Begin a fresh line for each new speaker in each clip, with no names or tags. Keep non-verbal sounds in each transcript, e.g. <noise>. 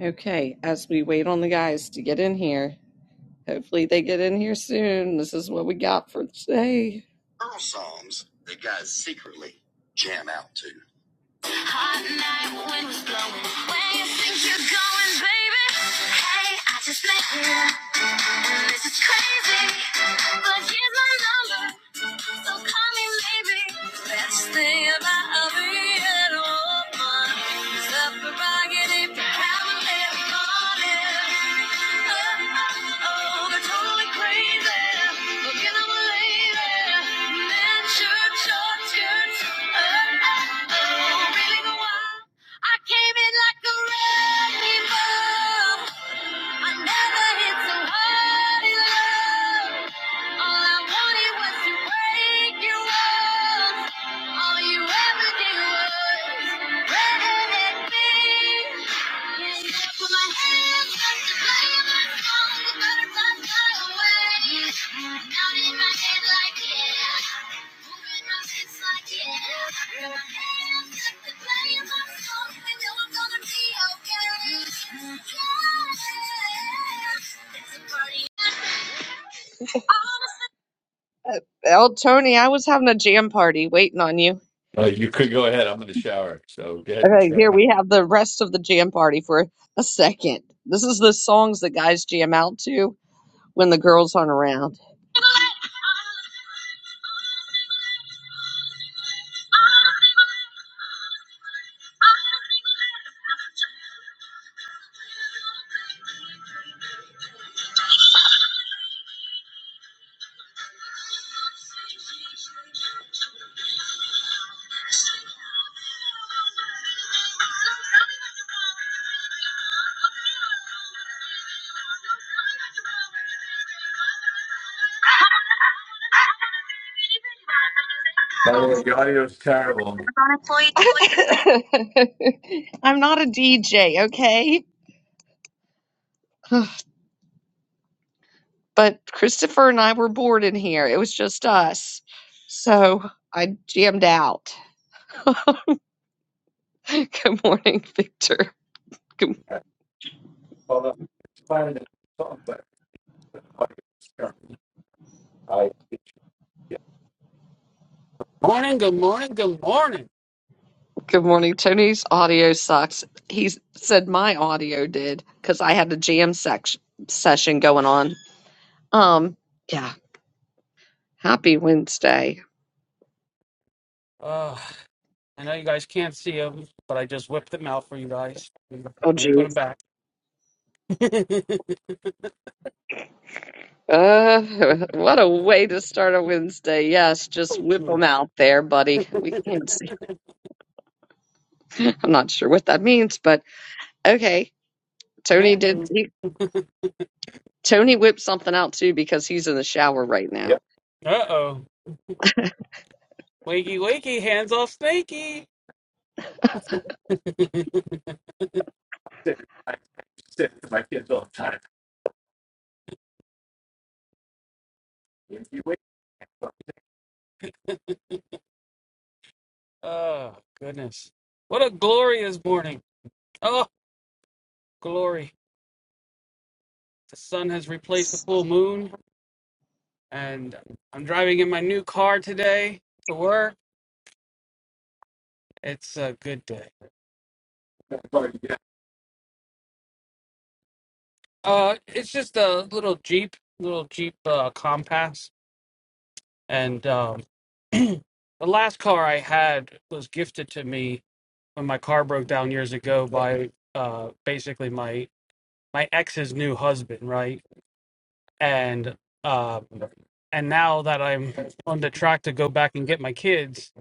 Okay, as we wait on the guys to get in here, hopefully they get in here soon. This is what we got for today. Hot night when Where you think you're going, baby? Hey, I just met you. And this is crazy. But here's my number. So call me, maybe. Best thing about being a woman is the prerogative to have a little morning. Oh, oh, they totally crazy. But can I believe it? Men, church, Oh, oh, oh, really wild. I came in like a wrecking ball. I never hit so hard in love. All I wanted was to break your walls. All you ever did was wreck me. Yeah, you put my hands Oh Tony, I was having a jam party waiting on you. Okay, here we have the rest of the jam party for a second. This is the songs that guys jam out to. when the girls aren't around. <laughs> I'm not a DJ, okay? <laughs> <sighs> but Christopher and I were bored in here. It was just us. So I jammed out. <laughs> good morning, Victor. Good,
Morning, good morning, good morning.
good morning. Tony's audio sucks. He said my audio did because I had a jam section session going on. Um, yeah. Happy Wednesday.
Uh, I know you guys can't see them, but I just whipped them out for you guys.
Oh,
Let me put them
geez.
back. <laughs>
Uh, <laughs> what a way to start a Wednesday. Yes, just whip
Yeah.
them out there, buddy. We can't see. <laughs> I'm not sure what that means, but okay.
A
Tony
man
did.
move.
Tony whipped something out too because he's in the shower right now.
Uh oh. Wakey, wakey, hands off snaky. <laughs> oh, goodness. What a glorious morning. Oh, glory. The sun has replaced the full moon, and I'm driving in my new car today to work. It's a good day. Uh, it's just a little Jeep, little Jeep uh, Compass, and um, <clears throat> the last car I had was gifted to me when my car broke down years ago by uh, basically my my ex's new husband, right? And um, and now that I'm on the track to go back and get my kids,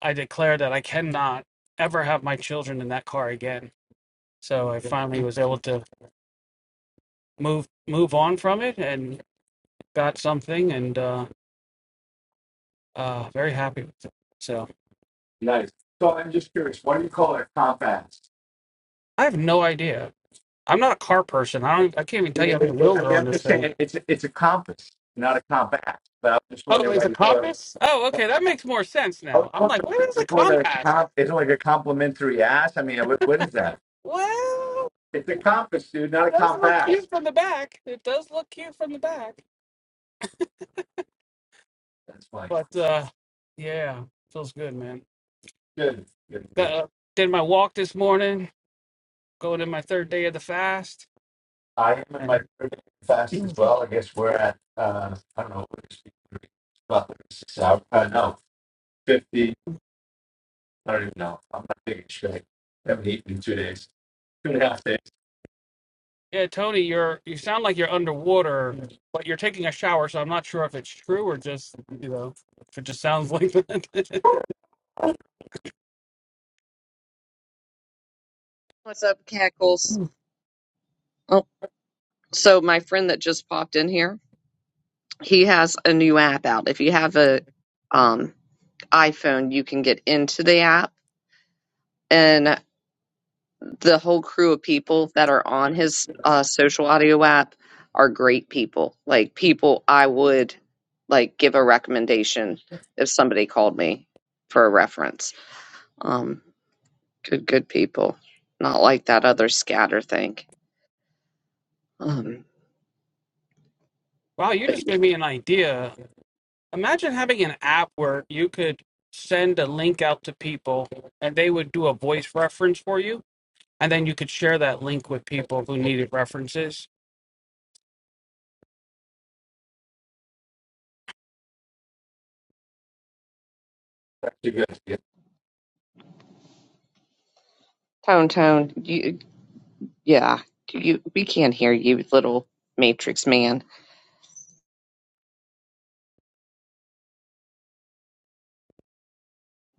I declare that I cannot ever have my children in that car again. So I finally was able to move move on from it and got something and. uh. Uh, very happy with it. So I have no idea. I'm not a car person. I don't. I can't even tell you how many wheels are on this thing. Oh, it's a compass. Oh, okay, that makes more sense now. I'm like, what is a compass? Well, it does look cute from the back. It does look cute from the back. But uh, yeah, feels good, man. Got, uh, did my walk this morning. Going to my third day of the fast, and <clears throat> Yeah, Tony, you're you sound like you're underwater, but you're taking a shower, so I'm not sure if it's true or just you know if it just sounds like that.
What's up, Cackles?
<laughs>
Oh, so my friend that just popped in here, he has a new app out. If you have a um, iPhone, you can get into the app, and the whole crew of people that are on his uh, social audio app are great people. Like people I would like give a recommendation if somebody called me for a reference. Um, good, good people. Not like that other scatter thing. Um,
wow, you
but
just gave me an idea. Imagine having an app where you could send a link out to people, and they would do a voice reference for you, and then you could share that link with people who needed references.
Tone Tone, you yeah, you we can't hear you, little Matrix man.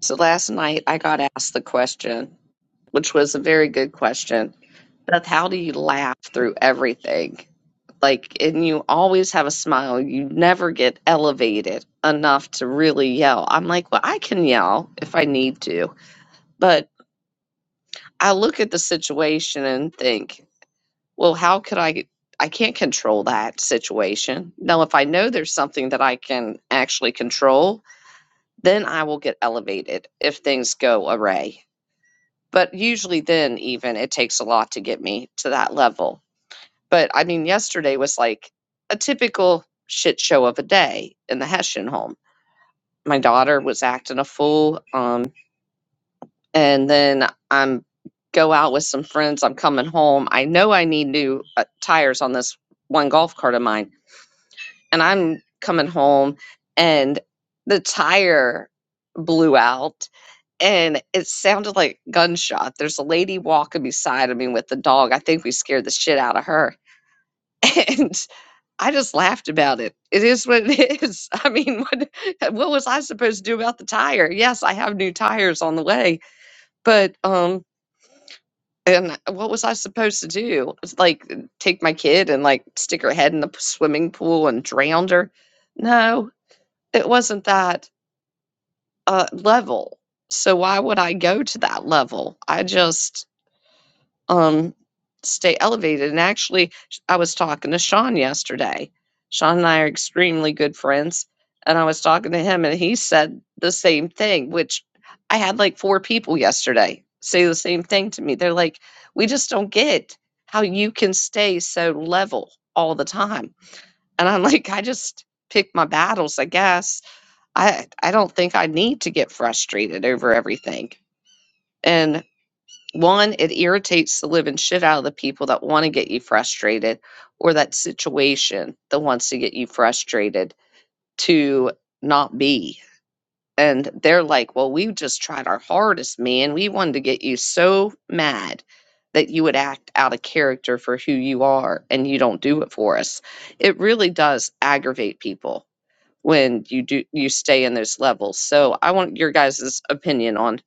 So last night I got asked the question, which was a very good question. Beth, how do you laugh through everything? Like, and you always have a smile. You never get elevated enough to really yell. I'm like, well, I can yell if I need to, but I look at the situation and think. well, how could I? I can't control that situation. Now, if I know there's something that I can actually control, then I will get elevated if things go awry. But usually, then even it takes a lot to get me to that level. But I mean, yesterday was like a typical shit show of a day in the Hessian home. My daughter was acting a fool. Um, and then I'm go out with some friends. I'm coming home. I know I need new uh, tires on this one golf cart of mine and I'm coming home and the tire blew out and it sounded like gunshot. There's a lady walking beside of me with the dog. I think we scared the shit out of her. <laughs> And I just laughed about it. It is what it <laughs> is. I mean, what what was I supposed to do about the tire? Yes, I have new tires on the way, but um and what was I supposed to do? It's like take my kid and like stick her head in the swimming pool and drown her? No, it wasn't that uh, level. So why would I go to that level? I just um, stay elevated. And actually, I was talking to Sean yesterday. Sean and I are extremely good friends. And I was talking to him, and he said the same thing, which I had like four people yesterday say the same thing to me. They're like, we just don't get how you can stay so level all the time. And I'm like, I just pick my battles, I guess I I don't think I need to get frustrated over everything. And one, it irritates the living shit out of the people that want to get you frustrated or that situation that wants to get you frustrated to not be. And they're like, well, we just tried our hardest, man. We wanted to get you so mad that you would act out of character for who you are and you don't do it for us. It really does aggravate people when you do you stay in those levels. So I want your guys' opinion on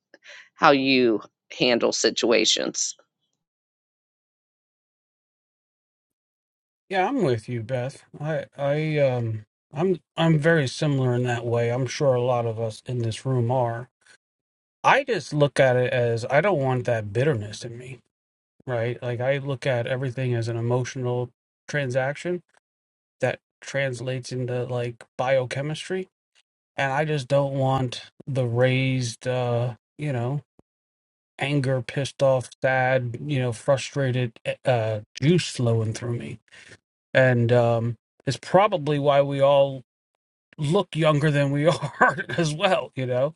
how you handle situations.
Yeah, I'm with you, Beth. I I um I'm I'm very similar in that way. I'm sure a lot of us in this room are. I just look at it as I don't want that bitterness in me, right? Like I look at everything as an emotional transaction that translates into like biochemistry, and I just don't want the raised, uh, you know, anger, pissed off, sad, you know, frustrated eh, uh, juice flowing through me, and um, it's probably why we all look younger than we <laughs> are as well, you know,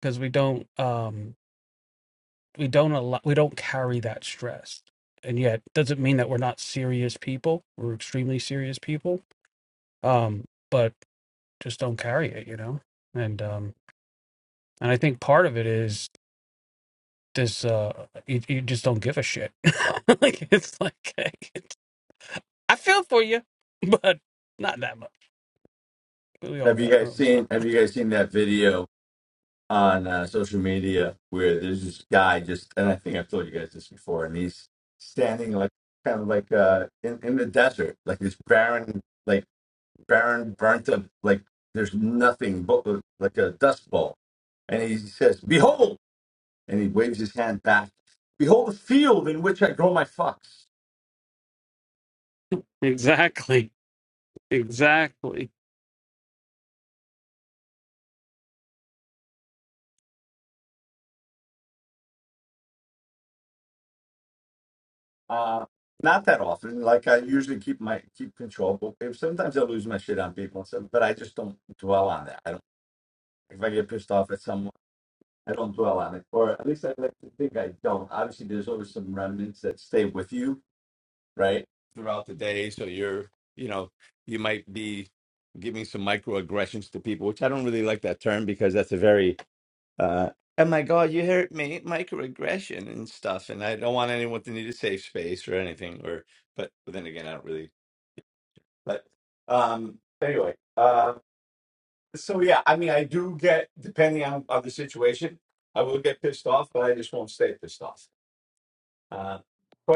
because we don't. Um, we don't allow, we don't carry that stress and yet doesn't mean that we're not serious people we're extremely serious people um but just don't carry it you know and um and i think part of it is this uh you, you just don't give a shit <laughs> like it's like <laughs> hey, it's, i feel for you but not that much we all got our own stuff Exactly. Exactly.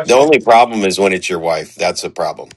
The only problem is when it's your wife. That's a problem.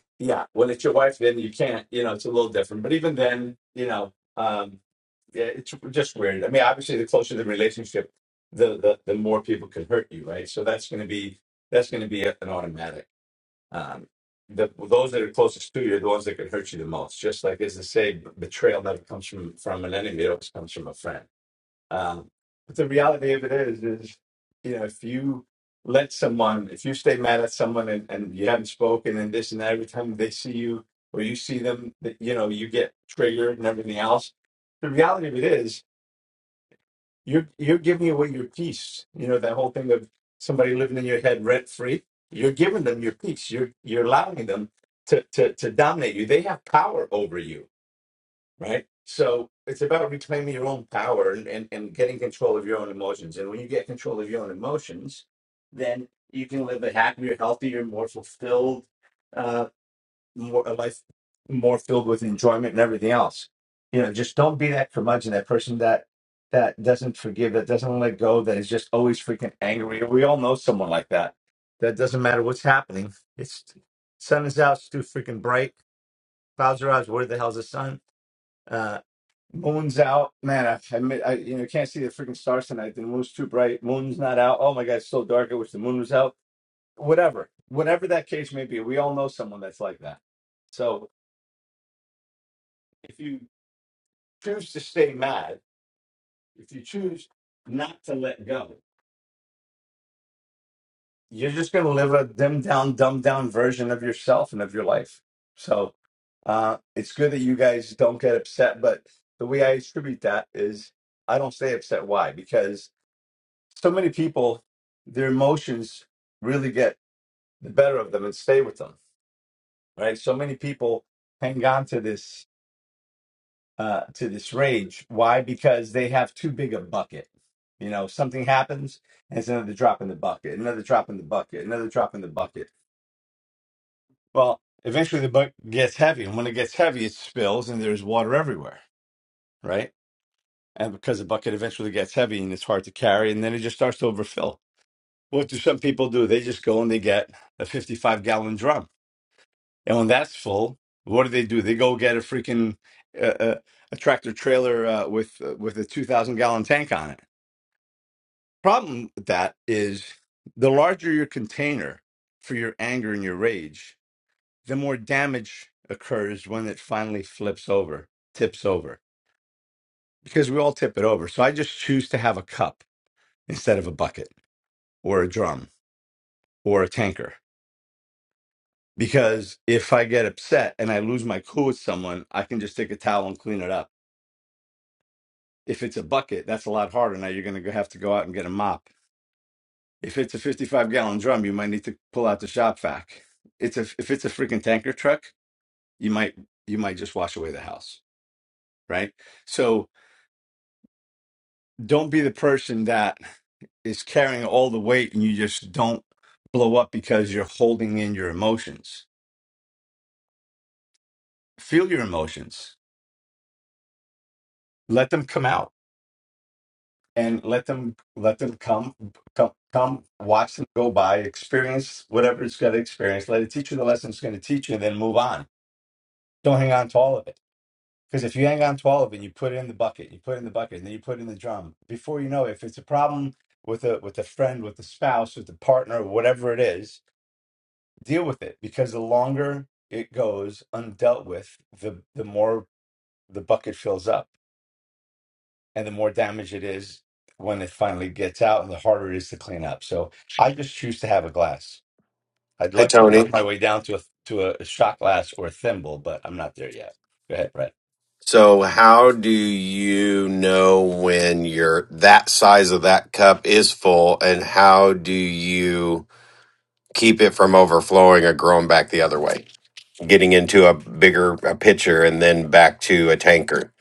Hey, Tony. So, how do you know when your that size of that cup is full, and how do you keep it from overflowing or growing back the other way, getting into a bigger a pitcher and then back to a tanker?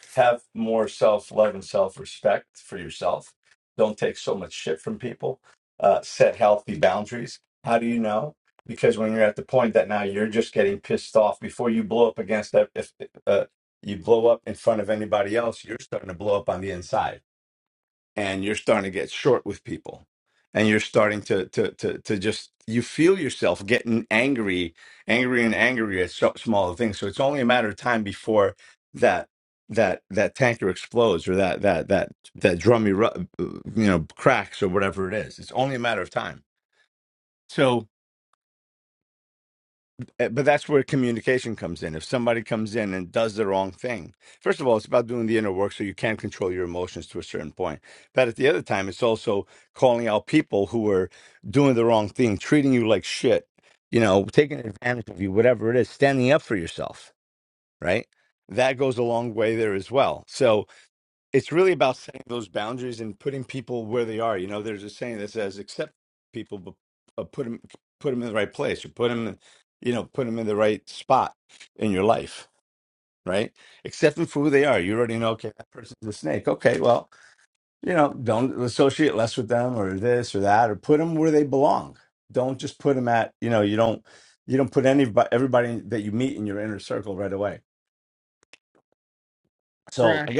Rat.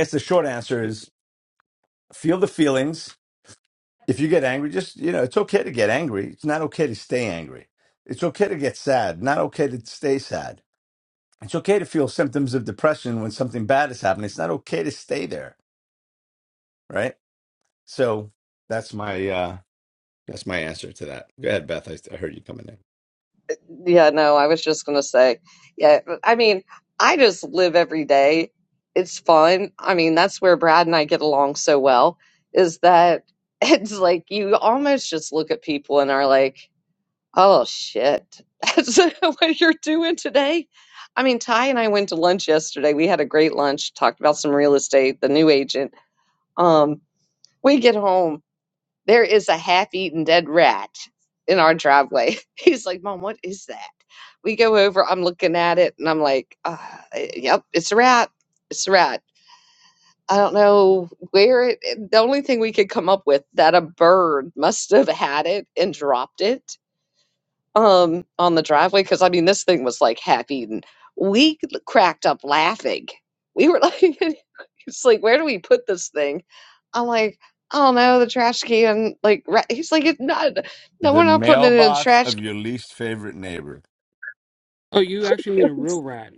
Yeah, no, I was just gonna say, yeah, I mean, I just live every day. It's fun. I mean, that's where Brad and I get along so well, is that <laughs> it's like you almost just look at people and are like, Oh shit. <laughs> That's what you're doing today? I mean, Ty and I went to lunch yesterday. We had a great lunch, talked about some real estate, the new agent. Um, we get home, there is a half-eaten dead rat in our driveway. <laughs> He's like, "Mom, what is that?" We go over, I'm looking at it and I'm like, uh, "Yep, it's a rat. It's a rat." I don't know where it, the only thing we could come up with that a bird must have had it and dropped it um on the driveway because I mean this thing was like half eaten. We cracked up laughing. We were like, <laughs> it's like where do we put this thing? I'm like, I don't know, the trash can. Like right. he's like, it's not. No, we're not putting it in the trash can.
Oh, you actually
<laughs>
mean a
It was,
real rat.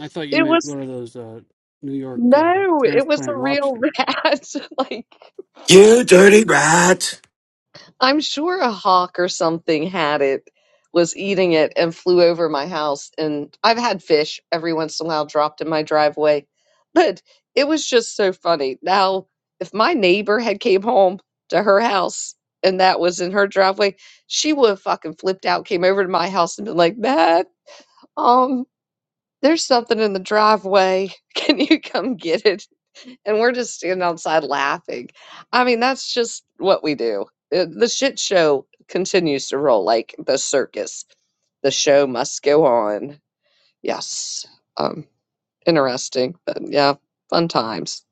I thought you
it
meant
was
one of those uh, New York uh,
no, it was a
transplant
real
lobsters.
rat. <laughs> like
You dirty rat!
I'm sure a hawk or something had it, was eating it, and flew over my house. And I've had fish every once in a while dropped in my driveway, but it was just so funny. Now, if my neighbor had came home to her house and that was in her driveway, she would have fucking flipped out, came over to my house, and been like, "Matt, um." There's something in the driveway. <laughs> Can you come get it? And we're just standing outside laughing. I mean, that's just what we do. Uh, The shit show continues to roll like the circus. The show must go on. Yes. Um, interesting, but yeah, fun times. <laughs>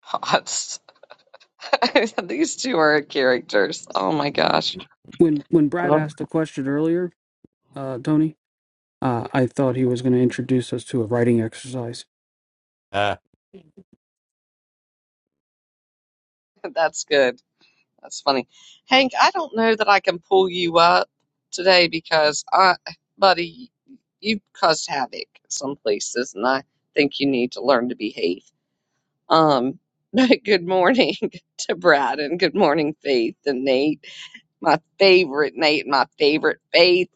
Hot. <laughs> These two are characters. Oh my gosh.
when when Brad
Oh.
asked the question earlier, uh, Tony, uh, I thought he was going to introduce us to a writing exercise.
<laughs> That's good. That's funny. Hank, I don't know that I can pull you up today because I, buddy, you've caused havoc some places, and I think you need to learn to behave. Um, <laughs> but good morning <laughs> to Brad, and good morning, Faith and Nate, my favorite Nate, and my favorite Faith.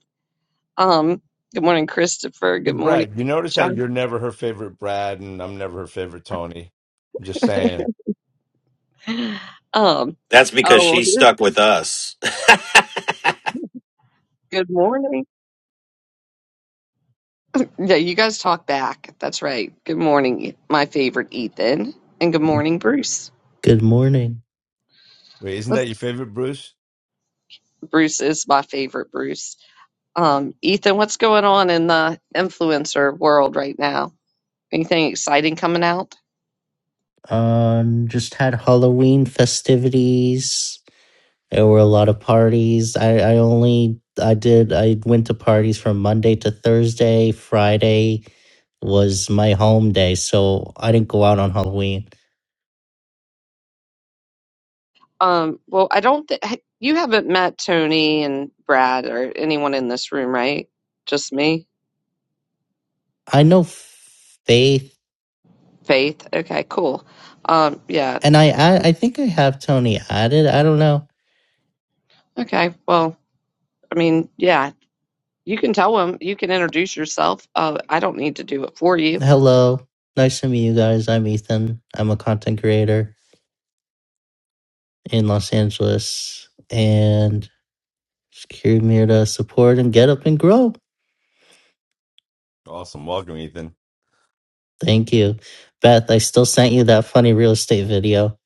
Um, good morning, Christopher. Good morning, John. <gasps> Um,
That's because
oh,
she's
here's
stuck with us.
good morning. Yeah, you guys talk back. That's right. Good morning, my favorite Ethan, and good morning, Bruce.
Good morning.
What's Bruce is my favorite Bruce. Um, Ethan, what's going on in the influencer world right now? Anything exciting coming out?
Um, just had Halloween festivities. There were a lot of parties. I, I only I did I went to parties from Monday to Thursday. Friday was my home day, so I didn't go out on Halloween.
Um, well, I don't think you haven't met Tony and Brad or anyone in this room, right? Just me,
I know Faith,
Faith. Okay, cool. Um, yeah.
and I I, I think I have Tony added. I don't know.
Okay. Well, I mean, yeah. You can tell them, you can introduce yourself. Uh, I don't need to do it for you.
Hello, nice to meet you guys. I'm Ethan. I'm a content creator in Los Angeles, and Secure to support and get up and grow. Thank you. Beth, I still sent you that funny real estate video.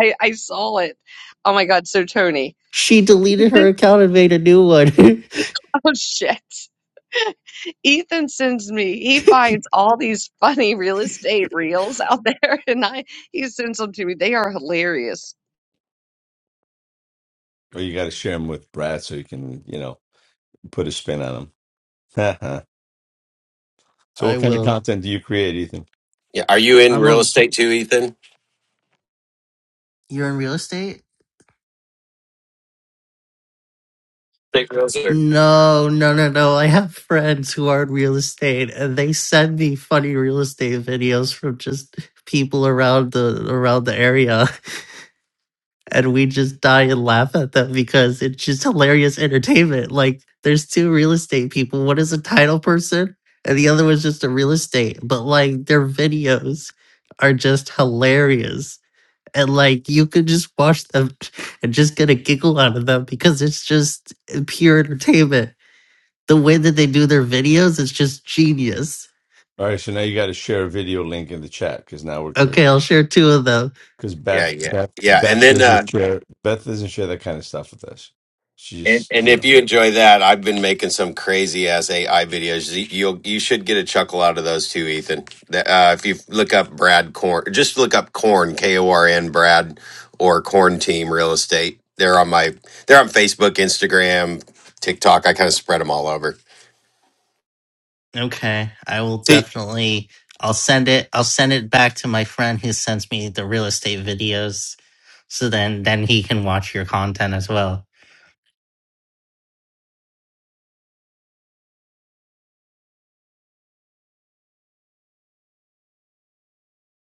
I, I saw it. Oh my God. So, Tony,
She deleted
Ethan,
her account and made a new one. <laughs>
<laughs> oh shit. <laughs> Ethan sends me, he finds all these funny real estate reels out there <laughs> and I, he sends them to me. They are hilarious.
I will.
<laughs> yeah, are you in
I'm
real
a.
estate too, Ethan?
You're in real estate?
Big real estate.
No, no, no, no. I have friends who are in real estate, and they send me funny real estate videos from just people around the around the area. and we just die and laugh at them because it's just hilarious entertainment. Like there's two real estate people. One is a title person and the other was just a real estate. But like their videos are just hilarious. And like you could just watch them <laughs> and just get a giggle out of them because it's just pure entertainment. The way that they do their videos is just genius. Okay, I'll share two of them.
Yeah, yeah, yeah. And then uh, And, and if you enjoy that, I've been making some crazy ass AI videos. You- You'll you should get a chuckle out of those too, Ethan. The- Uh, if you look up Brad Corn, just look up Corn K O R N Brad or Corn Team Real Estate. They're on my they're on Facebook, Instagram, TikTok. I kind of spread them all over.
Okay, I will
See,
definitely. I'll send it. I'll send it back to my friend who sends me the real estate videos, so then then he can watch your content as well.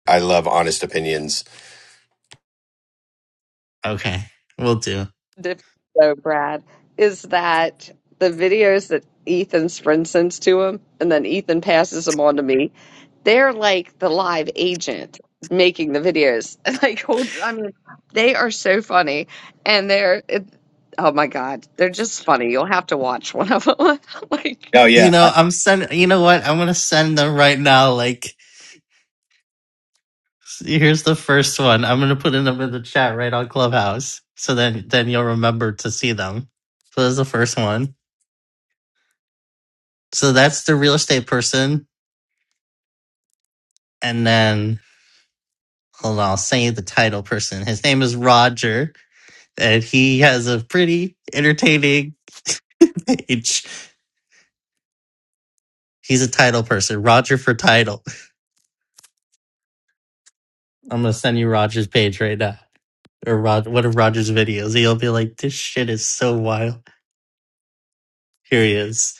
I love honest opinions.
Okay, we'll do.
difference, though, Brad, is that the videos that Ethan Sprint sends to him, and then Ethan passes them on to me, they're like the live agent making the videos. <laughs> Like, hold- I mean, they are so funny, and they're it, oh my god, they're just funny. You'll have to watch one of them. <laughs>
Oh
like,
You
yeah,
know, I'm send. You know what? I'm gonna send them right now. Like, here's the first one. I'm gonna put them in the chat right on Clubhouse, so then then you'll remember to see them. So that's the first one. So that's the real estate person, and then hold on. I'll send you the title person. His name is Roger and he has a pretty entertaining <laughs> page. He's a title person. Roger for title. I'm gonna send you Roger's page right now, or Rod, one of Roger's videos. You'll be like, "This shit is so wild." Here he is.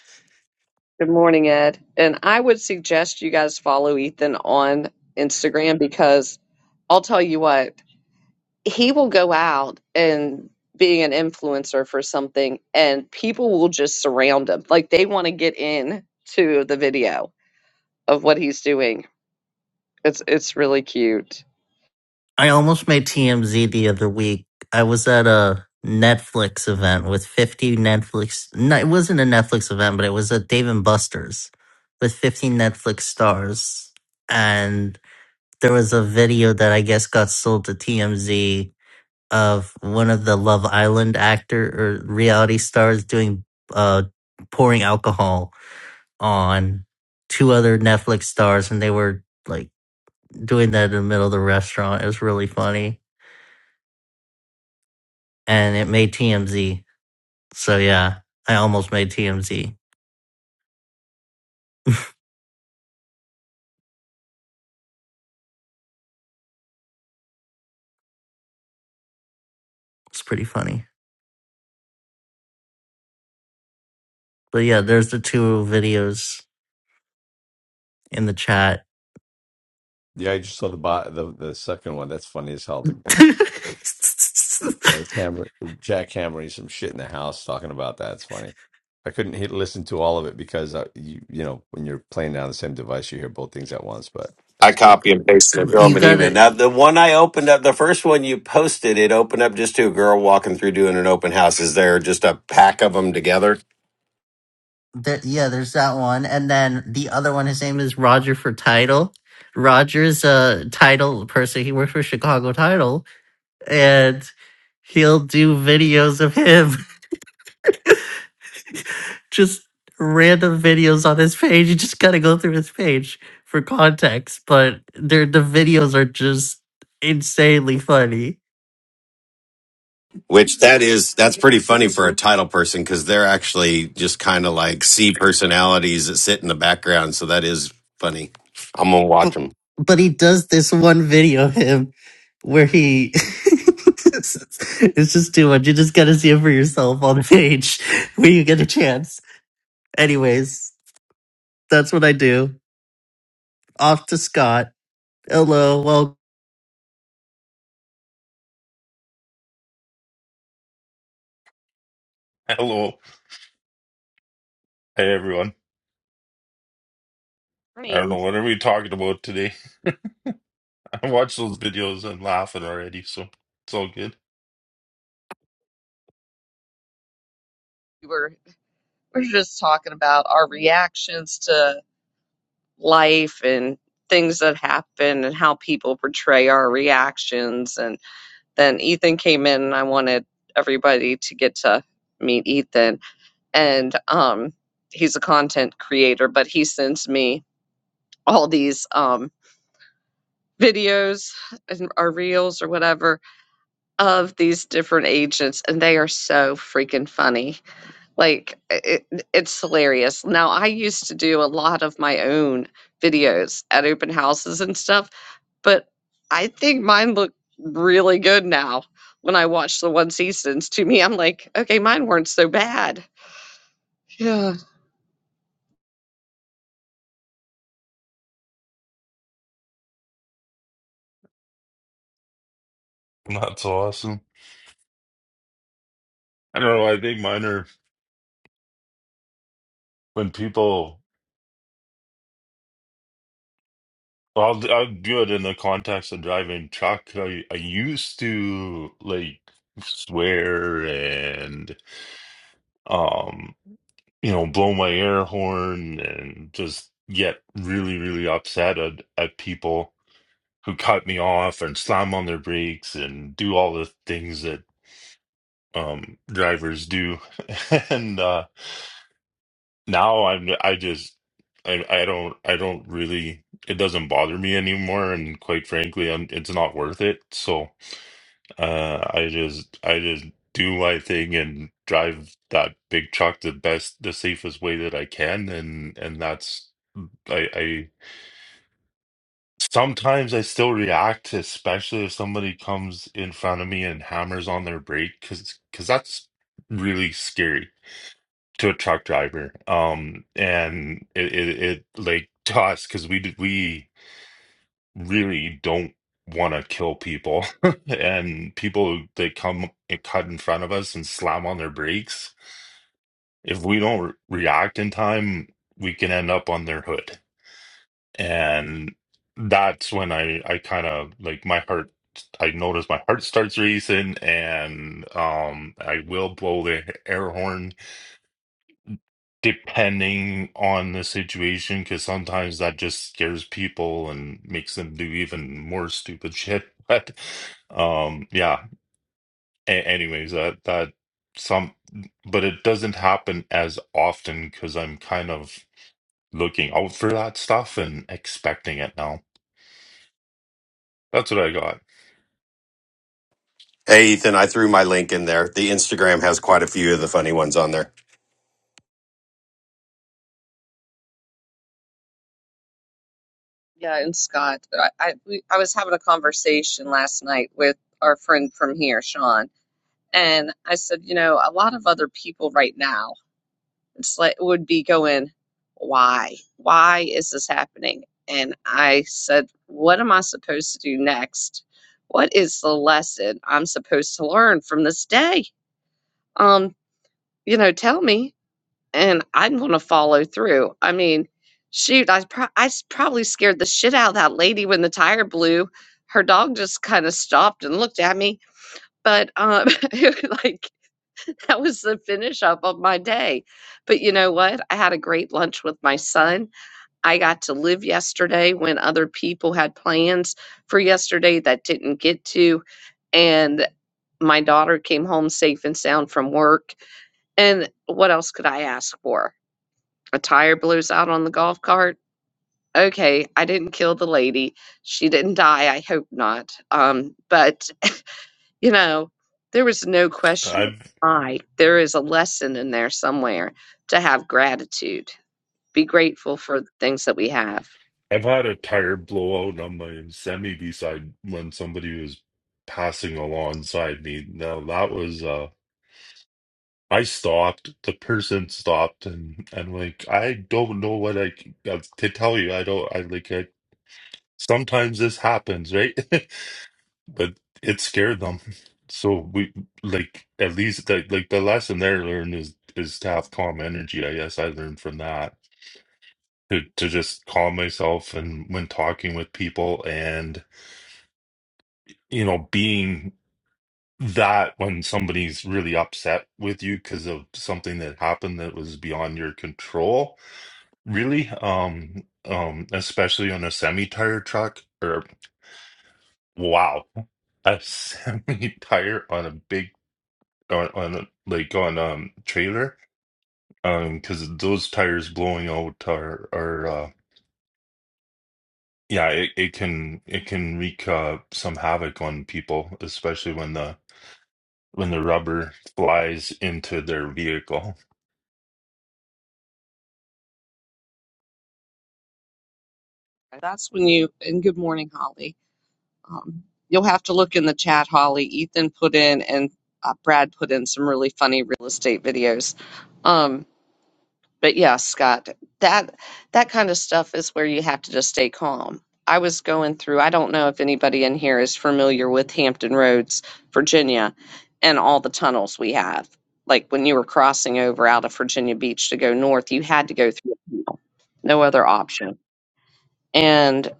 good morning, Ed, and I would suggest you guys follow Ethan on Instagram because I'll tell you what. he will go out and being an influencer for something and people will just surround him like they want to get in to the video of what he's doing it's it's really cute
I almost made TMZ the other week. I was at a Netflix event with 50 Netflix. No, it wasn't a Netflix event, but it was a Dave and Buster's with 50 Netflix stars, and there was a video that I guess got sold to TMZ of one of the Love Island actor or reality stars doing uh pouring alcohol on two other Netflix stars and they were like doing that in the middle of the restaurant. It was really funny. And it made TMZ. So yeah, I almost made TMZ. It's pretty funny. But yeah, there's the two videos in the chat. <laughs>
I copy and paste and throw
you
them an email.
gotta
Now the one I opened up, the first one you posted, it opened up just to a girl walking through doing an open house. Is there just a pack of them together?
There, yeah, there's that one, and then the other one. His name is Roger for Title. Roger's a title person. He works for Chicago Title, and he'll do videos of him, <laughs> just random videos on his page. You just gotta go through his page for context, but they're, the videos are just insanely funny.
Which that is that's pretty funny for a title person because they're actually just kind of like C personalities that sit in the background. So that is funny. I'm gonna
but
watch them.
but he does this one video of him where he <laughs> it's just too much. You just gotta see it for yourself on the page <laughs> when you get a chance. Anyways, that's what I do. Off to Scott. Hello, welcome.
Hello. Hey, everyone. I don't know
morning
what are we talking about today. <laughs> I watched those videos and laughing already, so it's all good.
we were we were just talking about our reactions to life and things that happen and how people portray our reactions and then ethan came in and i wanted everybody to get to meet ethan and um he's a content creator but he sends me all these um videos and or reels or whatever of these different agents and they are so freaking funny like it, it's hilarious now i used to do a lot of my own videos at open houses and stuff but i think mine look really good now when i watch the one seasons to me i'm like okay mine weren't so bad yeah
Not so awesome. I don't know. I think mine are when people. I'll I'll do it in the context of driving truck. I I used to like swear and um you know blow my air horn and just get really really upset at at people who cut me off and slam on their brakes and do all the things that um drivers do <laughs> and uh now i'm i just I, I don't i don't really it doesn't bother me anymore and quite frankly i it's not worth it so uh i just i just do my thing and drive that big truck the best the safest way that i can and and that's i i sometimes i still react especially if somebody comes in front of me and hammers on their brake because because that's really scary to a truck driver um and it it, it like <laughs> to us because we d- we really don't want to kill people <laughs> and people that come and cut in front of us and slam on their brakes if we don't re- react in time we can end up on their hood and that's when i i kind of like my heart i notice my heart starts racing and um i will blow the air horn depending on the situation, because sometimes that just scares people and makes them do even more stupid shit. <laughs> But um, yeah. A- anyways, that that some, but it doesn't happen as often because I'm kind of looking out for that stuff and expecting it now. That's what I got.
Hey Ethan, I threw my link in there. The Instagram has quite a few of the funny ones on there.
Yeah, and Scott, but I I, we, I was having a conversation last night with our friend from here, Sean, and I said, you know, a lot of other people right now, it's like would be going, why, why is this happening? And I said, what am I supposed to do next? What is the lesson I'm supposed to learn from this day? Um, you know, tell me and I'm going to follow through. I mean, shoot, I pro- I s- probably scared the shit out of that lady when the tire blew. Her dog just kind of stopped and looked at me, but um, <laughs> it was like that was the finish up of my day. But you know what? I had a great lunch with my son. I got to live yesterday when other people had plans for yesterday that didn't get to, and my daughter came home safe and sound from work. And what else could I ask for? a tire blows out on the golf cart. Okay, I didn't kill the lady. She didn't die. I hope not. Um, but <laughs> you know, there was no question of
I've
why. There is a lesson in there somewhere to have gratitude. Be grateful for the things that we have.
I've had a tire blowout on my semi beside when somebody was passing alongside me. Now that was uh I stopped, the person stopped and and like I don't know what I c- uh, to tell you. I don't I like I, sometimes this happens, right? <laughs> but it scared them. So we like at least like like the lesson there learned is is to have calm energy. I guess I learned from that to to just calm myself and when talking with people and you know being that when somebody's really upset with you because of something that happened that was beyond your control really um um especially on a semi tire truck or wow a <laughs> semi tire on a big on, on like on um trailer um because those tires blowing out are are uh yeah it, it can it can wreak uh some havoc on people especially when the when the rubber flies into their vehicle
That's when you, and good morning, Holly. Um, you'll have to look in the chat, Holly. Ethan put in and uh, Brad put in some really funny real estate videos. Um, but yeah, Scott, that that kind of stuff is where you have to just stay calm. I was going through, I don't know if anybody in here is familiar with Hampton Roads, Virginia, and all the tunnels we have. Like when you were crossing over out of Virginia Beach to go north, you had to go through a tunnel. No other option. And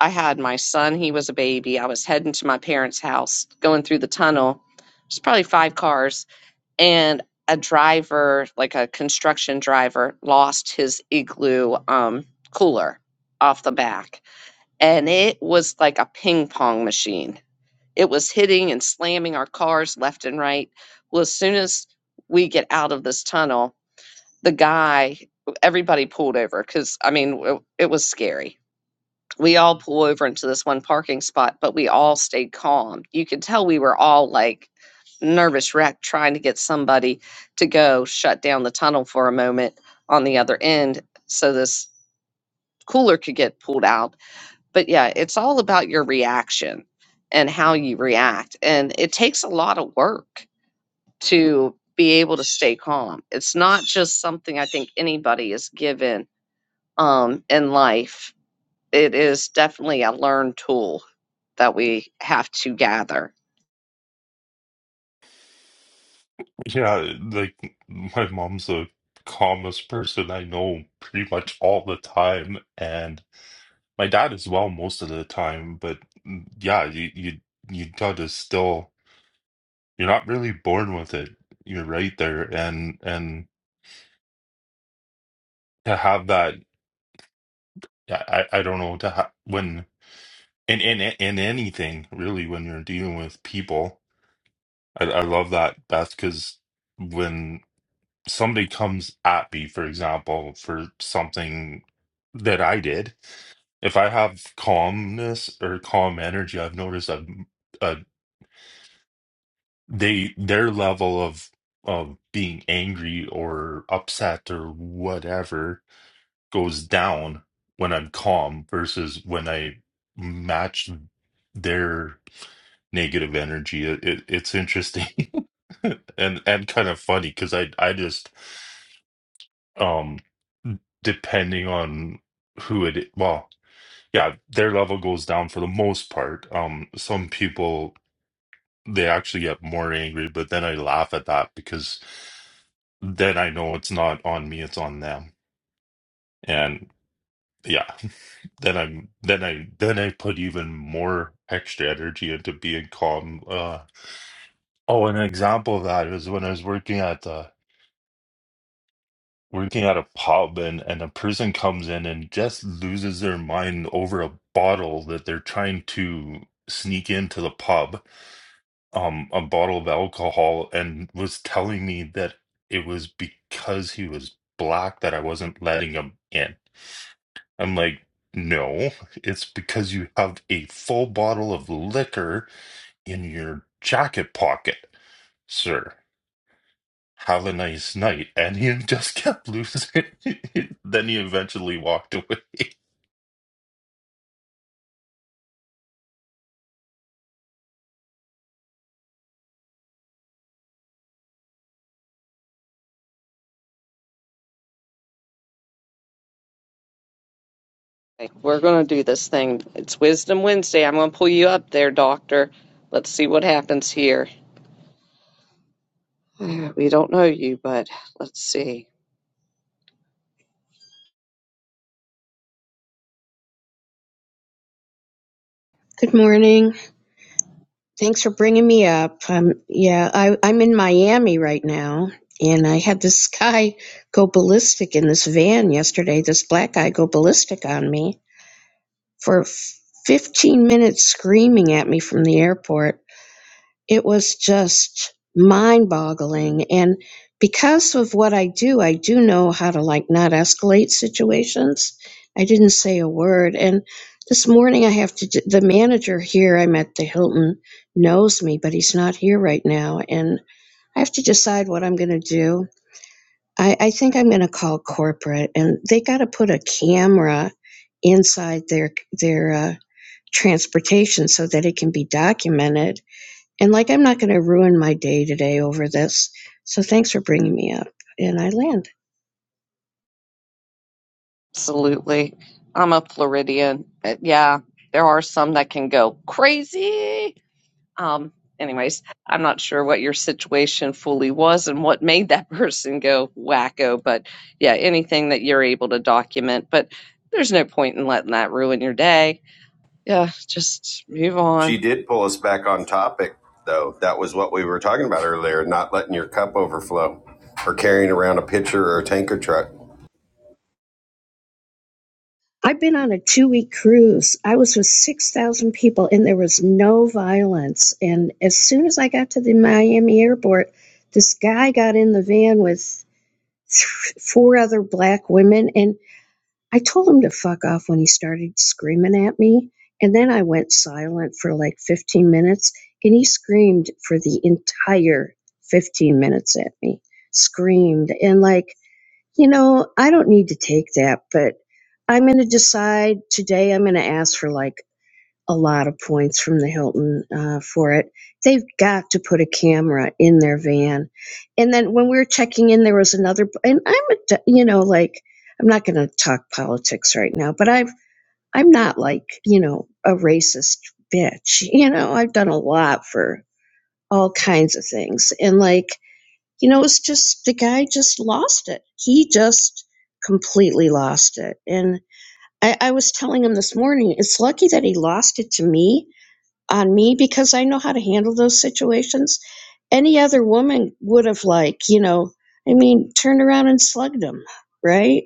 I had my son, he was a baby. I was heading to my parents' house, going through the tunnel. There's probably five cars and a driver, like a construction driver, lost his igloo um, cooler off the back. And it was like a ping pong machine. It was hitting and slamming our cars left and right. Well, as soon as we get out of this tunnel, the guy, everybody pulled over because, I mean, w- it was scary we all pull over into this one parking spot, but we all stayed calm. You could tell we were all like nervous wreck trying to get somebody to go shut down the tunnel for a moment on the other end so this cooler could get pulled out. But yeah, it's all about your reaction and how you react. And it takes a lot of work to be able to stay calm. It's not just something I think anybody is given um, in life it is definitely a learned tool that we have to gather.
<laughs> yeah like my mom's the calmest person I know pretty much all the time and my dad as well most of the time but mm, yeah you you you gotta still you're not really born with it you're right there and and to have that i i I don't know to ha- when in in in anything really when you're dealing with people i, I love that beth because when somebody comes at me for example for something that i did if i have calmness or calm energy i've noticed a, a they their level of of being angry or upset or whatever goes down when I'm calm versus when I match their negative energy. It, it, it's interesting <laughs> and and kind of funny because I I just um depending on who it well yeah their level goes down for the most part. Um, some people they actually get more angry, but then I laugh at that because then I know it's not on me, it's on them. and. yeah then i'm then i then i put even more extra energy into being calm uh oh an example of that is when i was working at the working at a pub and and a person comes in and just loses their mind over a bottle that they're trying to sneak into the pub um a bottle of alcohol and was telling me that it was because he was black that i wasn't letting him in I'm like, no, it's because you have a full bottle of liquor in your jacket pocket, sir. Have a nice night. And he <laughs> just kept losing. <laughs> then he eventually walked away.
Like, We're going to do this thing. It's Wisdom Wednesday. I'm going to pull you up there, Doctor. Let's see what happens here. Uh, We don't know you, but let's see.
Good morning. Thanks for bringing me up. Um, yeah, I, I'm in Miami right now, and I had this guy go ballistic in this van yesterday. This black guy go ballistic on me for f- 15 minutes, screaming at me from the airport it was just mind boggling. And because of what I do, I do know how to like not escalate situations. I didn't say a word. And this morning I have to, d- the manager here I'm at the Hilton knows me, but he's not here right now. And I have to decide what I'm going to do. I, I think I'm going to call corporate and they got to put a camera inside their, their, uh, transportation so that it can be documented and like, I'm not going to ruin my day today over this. So thanks for bringing me up. And I land.
Absolutely. I'm a Floridian. But yeah, there are some that can go crazy Um, anyways, I'm not sure what your situation fully was and what made that <laughs> person go wacko, but yeah, anything that you're able to document. But there's no point in letting that ruin your day. Yeah, just move
She
on.
did pull us back on topic though. That was what we were talking about earlier, not letting your cup overflow or carrying around a pitcher or a tanker truck.
I've been on a two week cruise. I was with 6,000 people and there was no violence. And as soon as I got to the Miami airport, this guy got in the van with th- four other black women. And I told him to fuck off when he started screaming at me, and then I went silent for like 15 minutes, and he screamed for the entire 15 minutes at me. Screamed. And like, you know, I don't need to take that, but I'm going to decide today I'm going to ask for like a lot of points from the Hilton uh, for it. They've got to put a camera in their van. And then when we were checking in, there was another. And I'm, a d- you know, like I'm not going to talk politics right now, but I've I'm not like you know a racist bitch. <laughs> You know, I've done a lot for all kinds of things, and like you know, it's just the guy just lost it. He just completely lost it, and. I, I was telling him this morning, it's lucky that he lost it to me on me because I know how to handle those situations. Any other woman would have, like, you know, I mean, turned around and slugged him, right?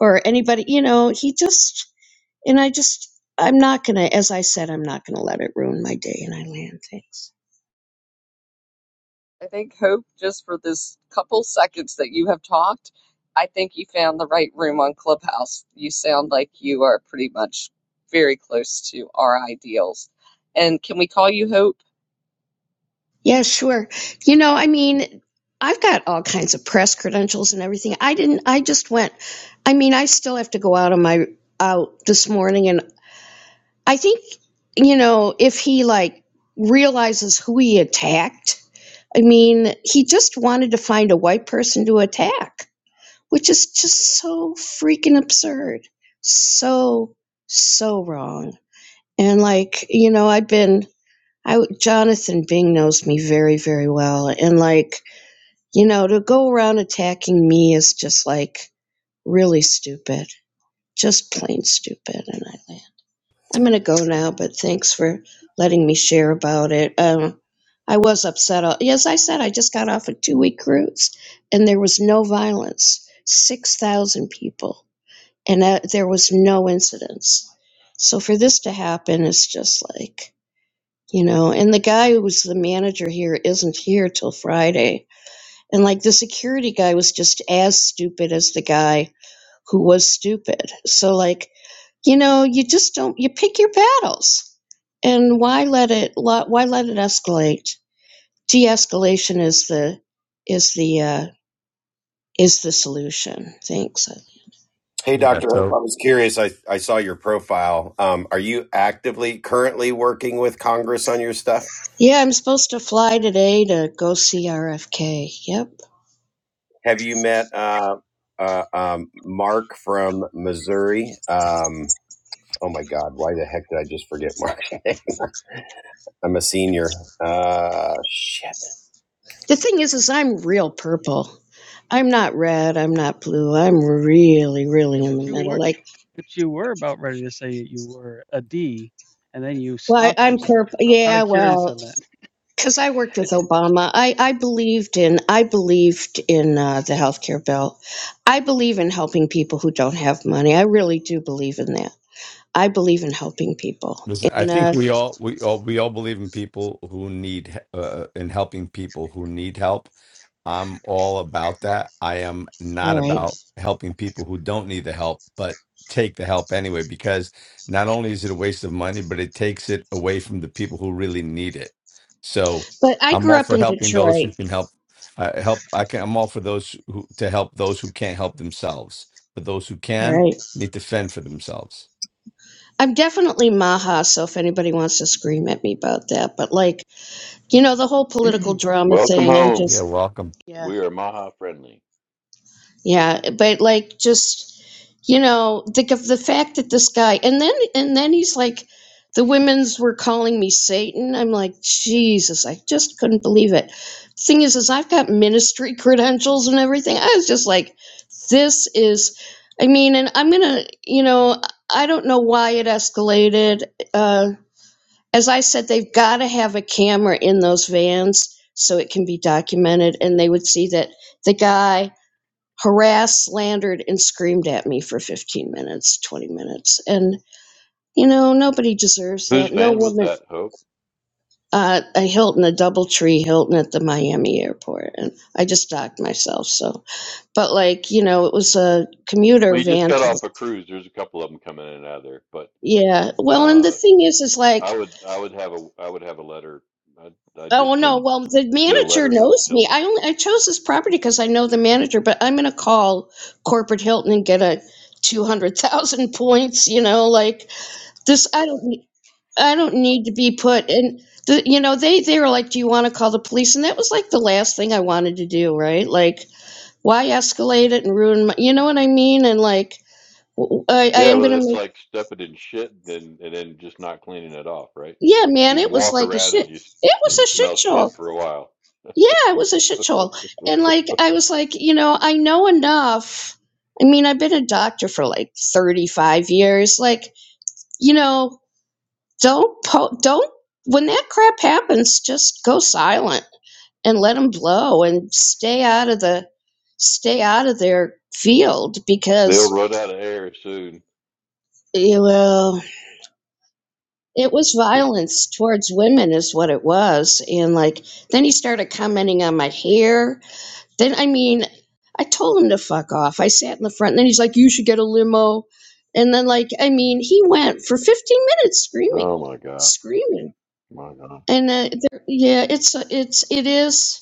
Or anybody, you know, he just, and I just, I'm not going to, as I said, I'm not going to let it ruin my day and I land things.
I think Hope, just for this couple seconds that you have talked, I think you found the right room on Clubhouse. You sound like you are pretty much very close to our ideals. And can we call you Hope?
Yeah, sure. You know, I mean, I've got all kinds of press credentials and everything. I didn't, I just went, I mean, I still have to go out on my, out this morning and. I think, you know, if he like realizes who he attacked, I mean, he just wanted to find a white person to attack, which is just so freaking absurd. So, so wrong. And like, you know, I've been, I, Jonathan Bing knows me very, very well. And like, you know, to go around attacking me is just like really stupid, just plain stupid. And I laugh. I'm going to go now, but thanks for letting me share about it. Um, I was upset. All, yes, I said I just got off a two week cruise and there was no violence 6,000 people, and that, there was no incidents. So for this to happen, it's just like, you know, and the guy who was the manager here isn't here till Friday. And like the security guy was just as stupid as the guy who was stupid. So, like, you know you just don't you pick your battles and why let it why let it escalate de-escalation is the is the uh is the solution thanks
Hey Dr. Hope, I was curious. I, I saw your profile. Um, are you actively currently working with Congress on your stuff?
yeah i'm supposed to fly today to go see rfk yep
Have you met uh, uh, um, Mark from Missouri? Um, oh my God, why the heck did I just forget Mark's name? <laughs> I'm a senior. Uh, shit.
the thing is is i'm real purple i'm not red i'm not blue i'm really really
Yeah,
in the
but you
middle
were,
like
but you were about ready to say you were a D, and then you
well I,
stopped
i'm
yourself.
purple
So I'm kind
yeah
of curious
well
on that.
because I worked with
It's
Obama, I, I believed in I believed in uh, the healthcare bill. I believe in helping people who don't have money. I really do believe in that. I believe in helping people. And uh, all right, but I grew up in Detroit. Right, I'm definitely Maha. So if anybody wants to scream at me about that, but like you know the whole political drama
Welcome
thing, I'm
home.
just yeah.
We are Maha friendly.
Yeah, but like just you know, the the fact that this guy and then and then he's like the women's were calling me Satan. I'm like, Jesus, I just couldn't believe it. Thing is, is I've got ministry <laughs> credentials and everything. I was just like, this is I mean, and I'm gonna, you know, I don't know why it escalated. Uh as I said, they've gotta have a camera in those vans so it can be documented and they would see that the guy harassed, slandered, and screamed at me for 15 minutes, 20 minutes. And, you know, nobody deserves
Whose
that. No
van was
woman,
that, Hope?
uh, a Hilton, a Doubletree Hilton at the Miami airport. And I just docked myself. So, but like, you know, it was a
Well,
commuter
you just
van.
got
To
off
the,
a cruise. There's a couple of them coming in and out of there, but
yeah. Well, and the
uh,
thing is, is
I
like,
would I would have a I would have a letter. I'd, I'd get
Oh no!
Jim
Well, the
get a
manager
letter to
knows me.
Hilton.
I only I chose this property because I know the manager. But I'm gonna call corporate Hilton and get a two hundred thousand points. You know, like this. I don't. I don't need to be put in the you know they they were like do you want to call the police and that was like the last thing I wanted to do right like why escalate it and ruin my you know what I mean and like w- I I
Yeah,
am
well,
gonna
that's
make
like stepping in shit and then and then just not cleaning it off, right?
yeah man
You
it was
walk
like a
around
shit
and you s-
it
and
was
you
a
smell
shit show
shit for a while.
yeah it was a shit show and like I was like you know I know enough I mean I've been a doctor for like thirty five years like you know don't po- don't when that crap happens just go silent and let them blow and stay out of the stay out of their field
They'll
because
run out of air soon.
you know it was violence towards women is what it was and like then he started commenting on my hair then i mean i told him to fuck off i sat in the front and then he's like you should get a limo and then like i mean he went for 15 minutes screaming
Oh my god,
screaming
my god.
And uh, there, yeah, it's it's it is.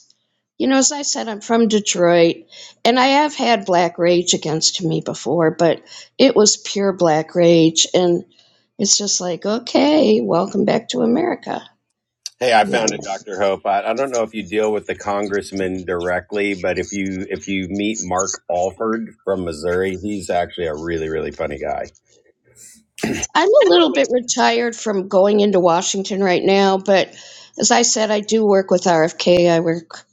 You know, as I said, I'm from Detroit, and I have had black rage against me before, but it was pure black rage, and it's just like, okay, welcome back to America.
Hey, I
And I,
found it,
And
Doctor Hope. I, I don't know if you deal with the congressman directly, but if you if you meet Mark Alford from Missouri, he's actually a really really funny guy.
I'm a
Oh,
little bit retired from going into Washington right now, but as I said, I do work with RFK. I work,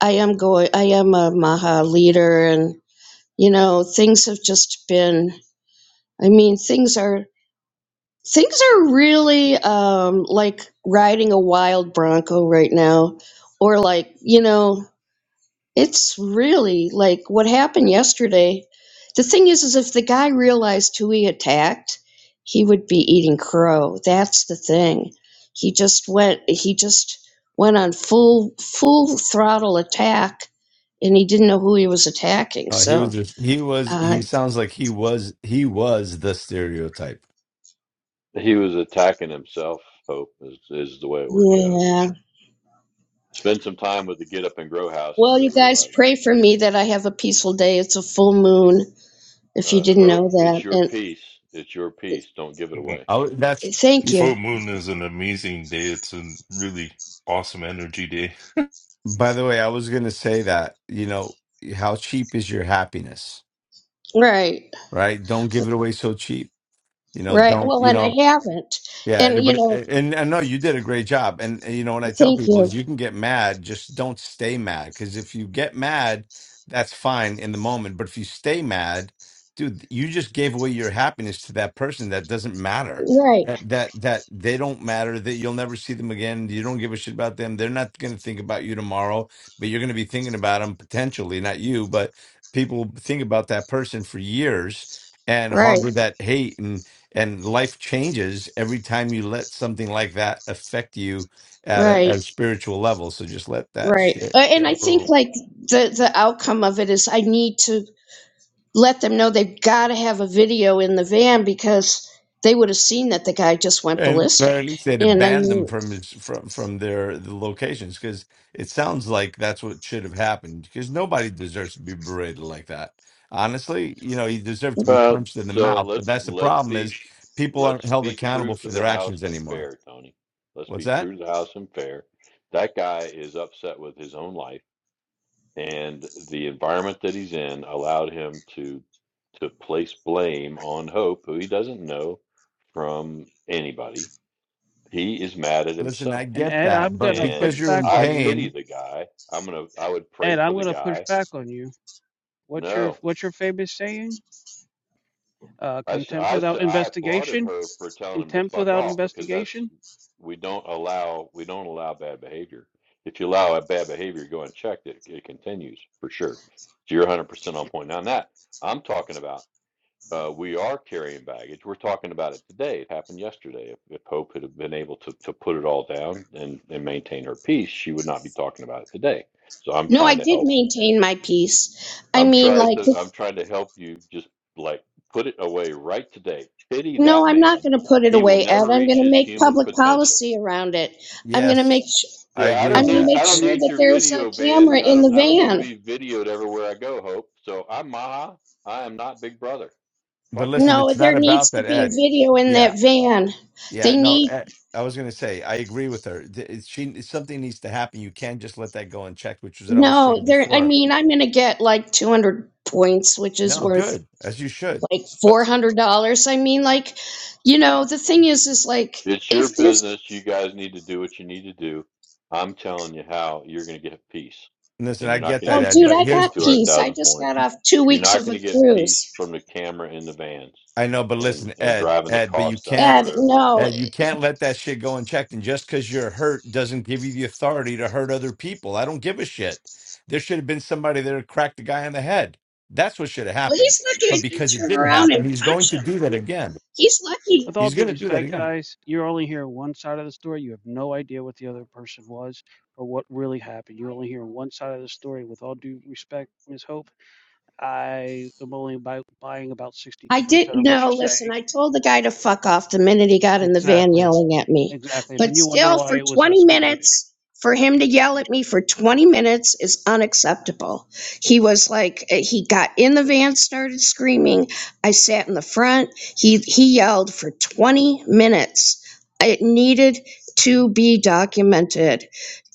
I am going, I am a Maha leader, and you know, things have just been. I mean, things are. Things are really um, like riding a wild bronco right now, or like you know, it's really like what happened yesterday. The thing is, is if the guy realized who he attacked, he would be eating crow. That's the thing. He just went. He just went on full full throttle attack, and he didn't know who he was attacking. So, uh,
he was attacking himself. Hope is is the way it works out.
yeah.
Spend some time with the Get Up and Grow House, and
Well,
you'll
you guys
realize.
pray for me that I have a peaceful day. It's a full moon, if you
Uh,
didn't
hope
know
it's
that.
your
And
piece. It's your piece. Don't give it away.
<laughs>
thank you.
Full moon is an amazing day. It's a really awesome energy day.
Right, right. Well, and I haven't. And, you know, thank you. Right, right, right, right. Uh, and I think, like, the, the outcome of it is I need to let them know they've got to have a video in the van because they would have seen that the guy just went ballistic. And I mean,
Uh, so let's let's be let's be true to the house and fair, Tony. Let's be true to the house and fair. That guy is upset with his own life, and the environment that he's in allowed him to to place blame on Hope, who he doesn't know from anybody. He is mad at himself.
and Ed, I'm gonna push
And
back
I
on you.
pity the guy. I'm gonna, I would pray
Ed,
for
I'm
the
gonna push
guy.
back on you. What's your
No,
what's your famous saying? Uh,
I, s-
contempt
I s-
without
I applauded
investigation.
her for telling him to
contempt
fuck
without
off because that's,
investigation.
we don't allow, we don't allow bad behavior. If you allow a bad behavior to go unchecked, it, it continues for sure. So you're 100% on point. Now, that I'm talking about, uh, we are carrying baggage. We're talking about it today. It happened yesterday. If, if Hope had have been able to, to put it all down and, and maintain her peace, she would not be talking about it today. So I'm
no, I
trying to
did
help
maintain my peace. I
I'm
mean,
trying
like,
to I'm trying to help you just like put it away right today. Pity
No,
that
I'm not
man.
going to put it
He will
away, Ed.
never
I'm going
reach
to
his
make
human
public
potential.
policy around it. I'm going to make sh-
Yeah, I don't
I'm going to
need
make
I don't
sure
Eh,
need
that
your
there's a
video van.
camera
I
in
don't
the
I don't need to
van.
be videoed everywhere I go, Hope. So I'm Maha. I am not Big Brother. Fuck that.
No, there needs to be a video in that van. They need no, there I mean, I'm going to get like 200 points, which is worth like $400. I mean, like, you know, the thing is is like
It's your
if there's
business. You guys need to do what you need to do. I'm telling you how you're going to get peace. And you're not going to
Oh,
get
dude,
peace
I
from the
got peace. I
200,000
just
points.
got off two
You're
weeks
not
of
going
a
to get peace
cruise.
from the camera in the vans and, and driving the cost up
Ed,
for everybody.
no, Well, he's lucky I didn't turn around and punch him. He's lucky.
with all due respect, guys, you're only hearing one side of the story. You have no idea what the other person was or what really happened. You're only hearing one side of the story. With all due respect, Ms. Hope, I am only buy, buying about
I
62%
didn't
of what
know.
you're
Listen,
saying.
I told the guy to fuck off the minute he got in the van
Exactly.
yelling at me.
Exactly. And
But
then you wonder
still,
why
for
it was
20
escalated.
minutes, for him to yell at me for 20 minutes is unacceptable. He was like, eh, he got in the van, started screaming. I sat in the front. He, he yelled for 20 minutes. It needed to be documented.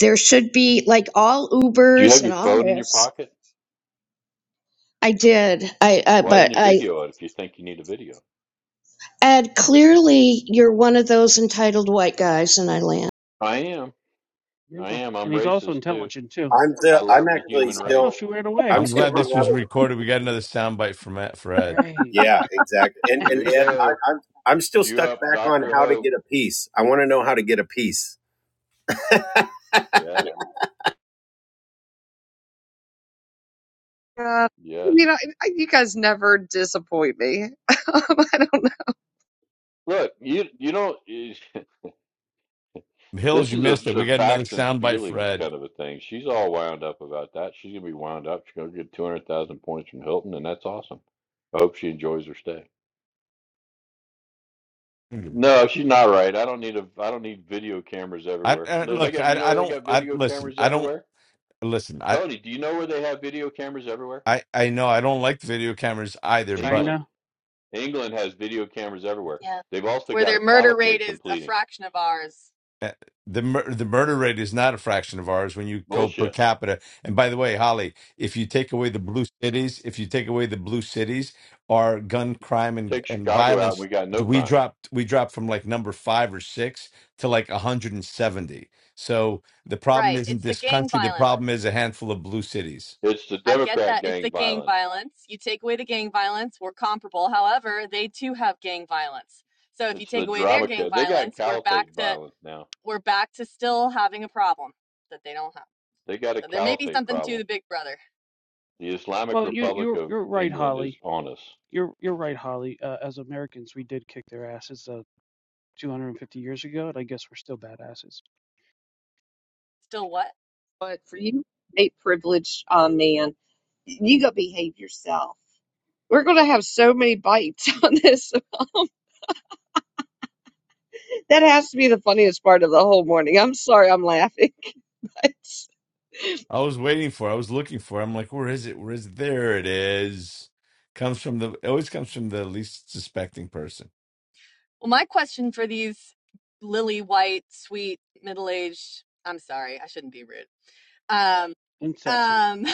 There should be, like all
Do you
Ubers
have
and
your
all
phone in your
Lyfts,
pocket?
I did. I, I
Why didn't
but
you
I
video it if you think you need a video?
Ed, clearly you're one of those entitled white guys, and I land.
I am. I
Beautiful.
am. I'm
And he's also
racist too.
intelligent too.
I'm still.
I
I'm
love the
actually
human
Oh,
race.
still.
she ran
I'm
away.
still hung up.
Great.
Yeah, exactly. And
There
and
you
Ed,
go.
I, I'm I'm still
Cue
stuck
up
back on
Dr.
how to
Hope.
get a piece. I want to know how to get a piece.
Yeah.
Yeah,
Yes.
you know, I- you guys never disappoint me. <laughs> Um, I don't know.
Look, you you don't <laughs> This is a, a facts and feelings kind of a thing. She's all wound up about that. She's gonna be wound up. She's gonna get two hundred thousand points from Hilton, and that's awesome. I hope she enjoys her stay. No, she's not right. I don't need a. I don't need video cameras everywhere. They they got. You know where they got video cameras everywhere? Tony, do you know where they have video cameras everywhere? England.
China.
England has video cameras everywhere.
Yeah.
They've also
Where
got a
their murder rate
caliphate
is a
completing.
fraction of ours.
Bullshit. Take Chicago out, and we got no crime.
Right. It's the gang violence.
It's the
I get
Democrat
that. It's
gang
the gang
violence.
violence. You take away the gang violence, we're comparable. However, they too have gang violence. So if you
It's the
take away their
drama
gang
code. They got
violence, we're
caliphate
back to
violence now.
we're back to still having a problem that they don't have.
They got a
So there may be
caliphate
something to
problem.
the big brother.
The Islamic
Well, you
Republic
you're
of
you're right,
England is
Holly.
on us.
You're you're right, Holly. Uh, as Americans, we did kick their asses uh, 250 years ago, and I guess we're still badasses
Still what?
But for you, a privileged uh, man, you go behave yourself. We're going to have so many bites <laughs> on this. That has to be the funniest part of the whole morning. I'm sorry I'm laughing. <laughs> It's
Well, my question for these lily white, sweet, middle-aged, I'm sorry, I shouldn't be rude. Um
and sexy.
um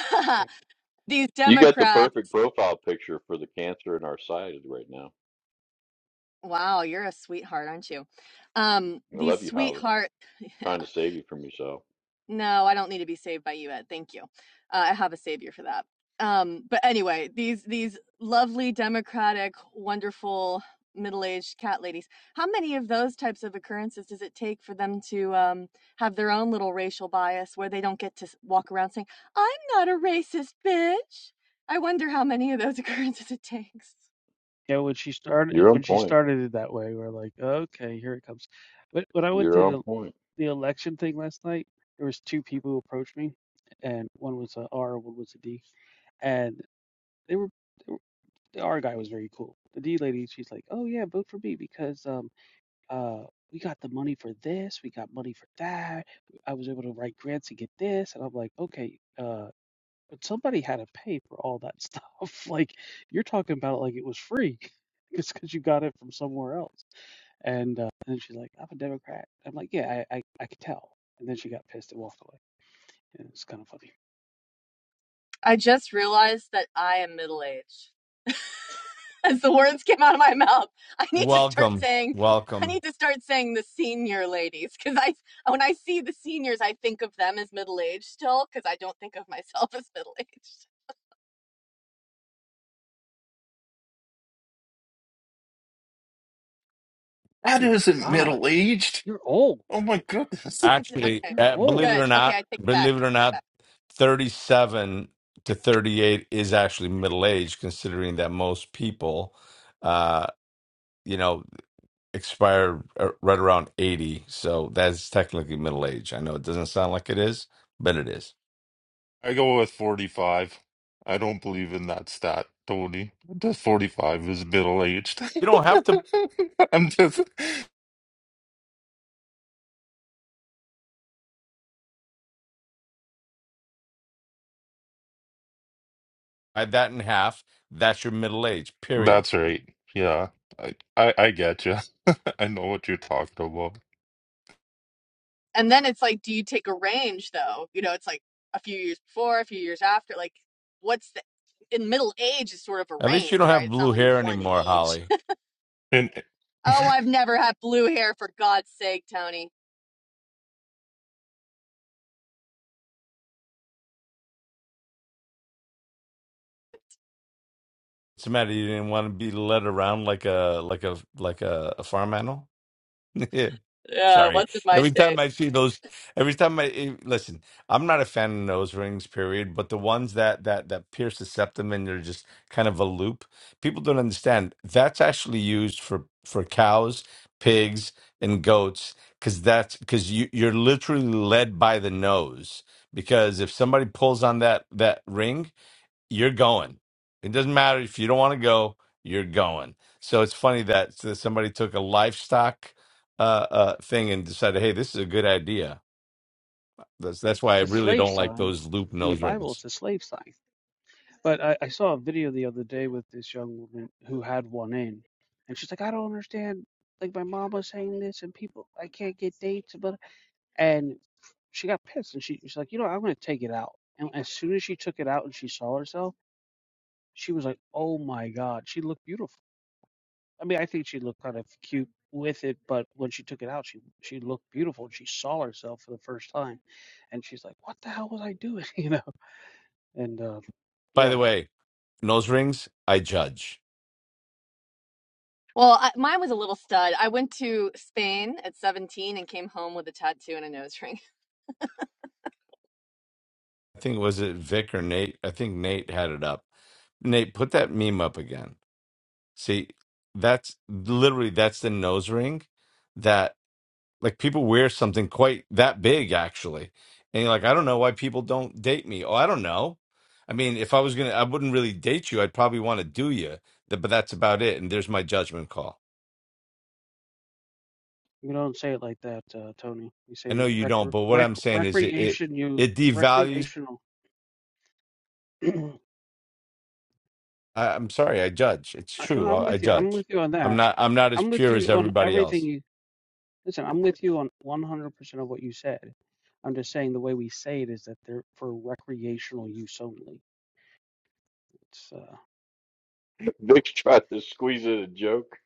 <laughs> these
You got the
Democrats
perfect profile picture for the cancer in our society right now.
Wow, you're a sweetheart, aren't you? Um,
I
these
love you, Holly.
sweetheart. <laughs> Yeah.
trying to save you from yourself.
No, I don't need to be saved by you, Ed. Thank you. Uh, I have a savior for that. Um, but anyway, these these lovely, democratic, wonderful middle-aged cat ladies. How many of those types of occurrences does it take for them to um, have their own little racial bias, where they don't get to s- walk around saying, "I'm not a racist, bitch"? I wonder how many of those <laughs> occurrences it takes.
Yeah, when she started
You're on
when she
point.
started it that way, we're like, okay, here it comes. But when I went
You're
to
on
the
point.
the election thing last night, there was two people who approached me, and one was a R, one was a D, and they were, they were the R guy was very cool. The D lady, she's like, "Oh yeah, vote for me because um uh we got the money for this, we got money for that. I was able to write grants to get this," and I'm like, "Okay, uh." But somebody had to pay for all that stuff. <laughs> Like you're talking about it like it was free. <laughs> It's because you got it from somewhere else. And uh, and she's like, I'm a Democrat. I'm like, yeah, I, I I could tell. And then she got pissed and walked away. And it's kind of funny.
I just realized that I am middle-aged. as the words came out of my mouth, I need to start saying, I need to start saying the senior ladies because I, when I see the seniors, I think of them as middle aged still because I don't think of myself <laughs> as middle aged.
That
Oh my
isn't
God,
middle aged.
you're old.
Oh my goodness.
Okay,
You're
good.
old.
Okay, I take it back.
I go with 45. I don't believe in that stat, Tony. The 45 is middle aged. <laughs> I'm just. That's right. Yeah. I, I, I get you. <laughs> I know what you're talking about.
And then it's like, do you take a range though? You know, it's like a few years before, a few years after. Like, what's the in middle age is sort of a range, right? It's not like one age.
And
<laughs> oh,
<laughs>
I've never had blue hair for God's sake, Tony. Yeah, what's in my tape?
It's a slave sign. In the Bible, it's a slave sign. But I, I saw a video the other day with this young woman who had one in, and she's like, I don't understand. Like my mom was saying this, and people, I can't get dates, And she got pissed and she she's like, you know, I'm gonna take it out. And as soon as she took it out and she saw herself, she was like, oh my god, she looked beautiful. I mean, I think she looked kind of cute with it, but when she took it out, she she looked beautiful and she saw herself for the first time, and she's like, what the hell was I doing, <laughs> you know? And uh, yeah,
Well, I, mine was a little stud. I went to Spain at 17 and came home with a tattoo and a nose ring.
we don't say it like that, uh, Tony. We say rec- rec- recreation, you recreational. <clears throat> I- no, I'm with you. I'm with you on that. I'm with you on everything you. Listen, I'm with you on 100% of what you said. I'm just saying the way we say it is that they're for recreational use only. It's uh,
<laughs> Vic's tried to squeeze in a joke.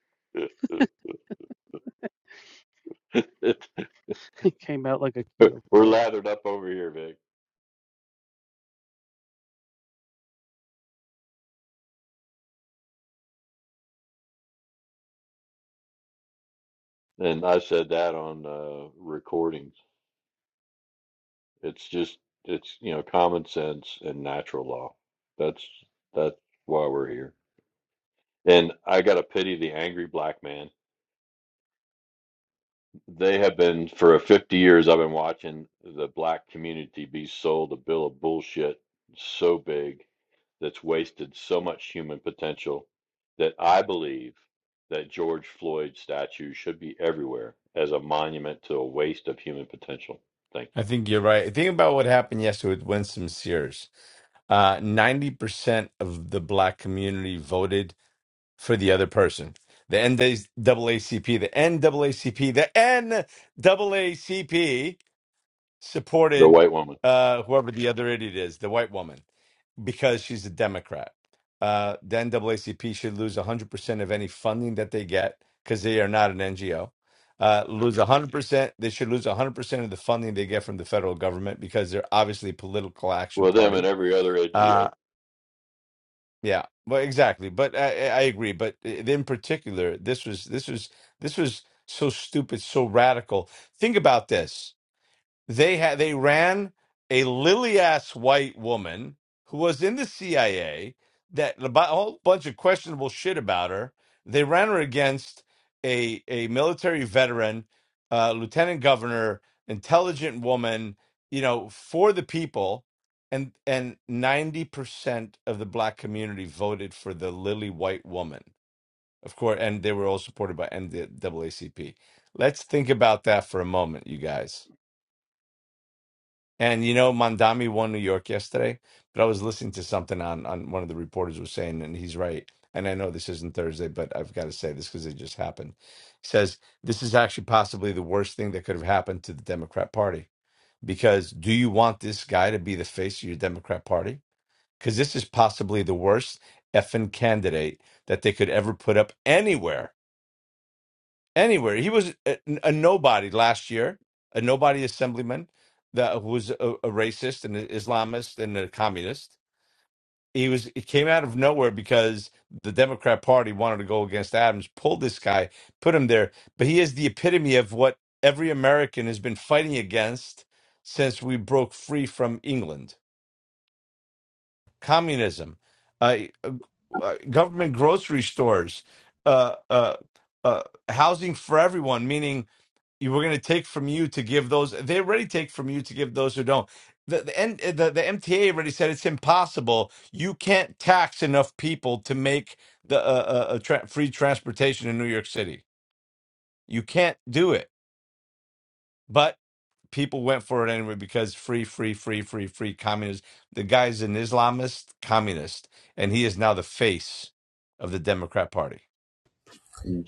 <laughs>
<laughs> it came out like a keto
We're
fart.
lathered up over here, Vic. And I said that on uh, recordings. It's just it's you know common sense and natural law. That's that's why we're here. And I gotta pity the angry black man. They have been for 50 years. I've been watching the black community be sold a bill of bullshit so big that's wasted so much human potential that I believe that George Floyd statue should be everywhere as a monument to a waste of human potential. Thank you. The white woman. Well, them and every other NGO.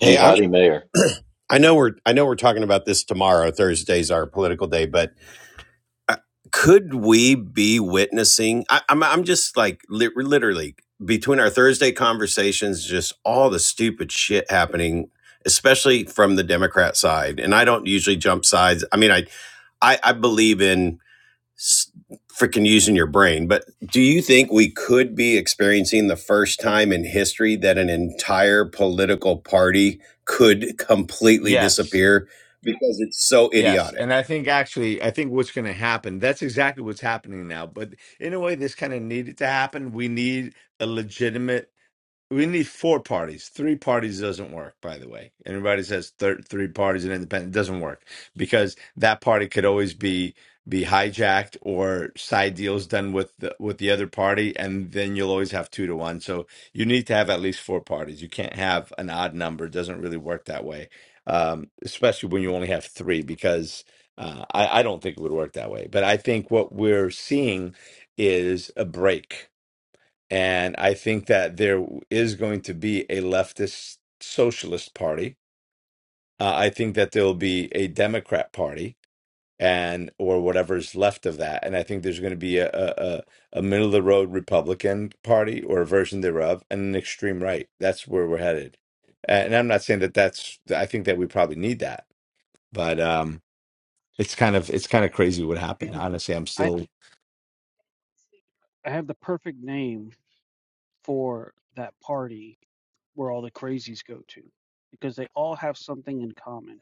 Hey, I'm.
mayor.
<clears throat> I know we're. I know we're talking about this tomorrow. Thursday's our political day, but uh, could we be witnessing I, I'm, I'm just like lit literally between our thursday conversations just all the stupid shit happening especially from the democrat side and i don't usually jump sides i mean i i, I believe in s- freaking using your brain but do you think we could be experiencing the first time in history that an entire political party could completely disappear because it's so idiotic
I I have the perfect name for that party where all the crazies go to because they all have something in common.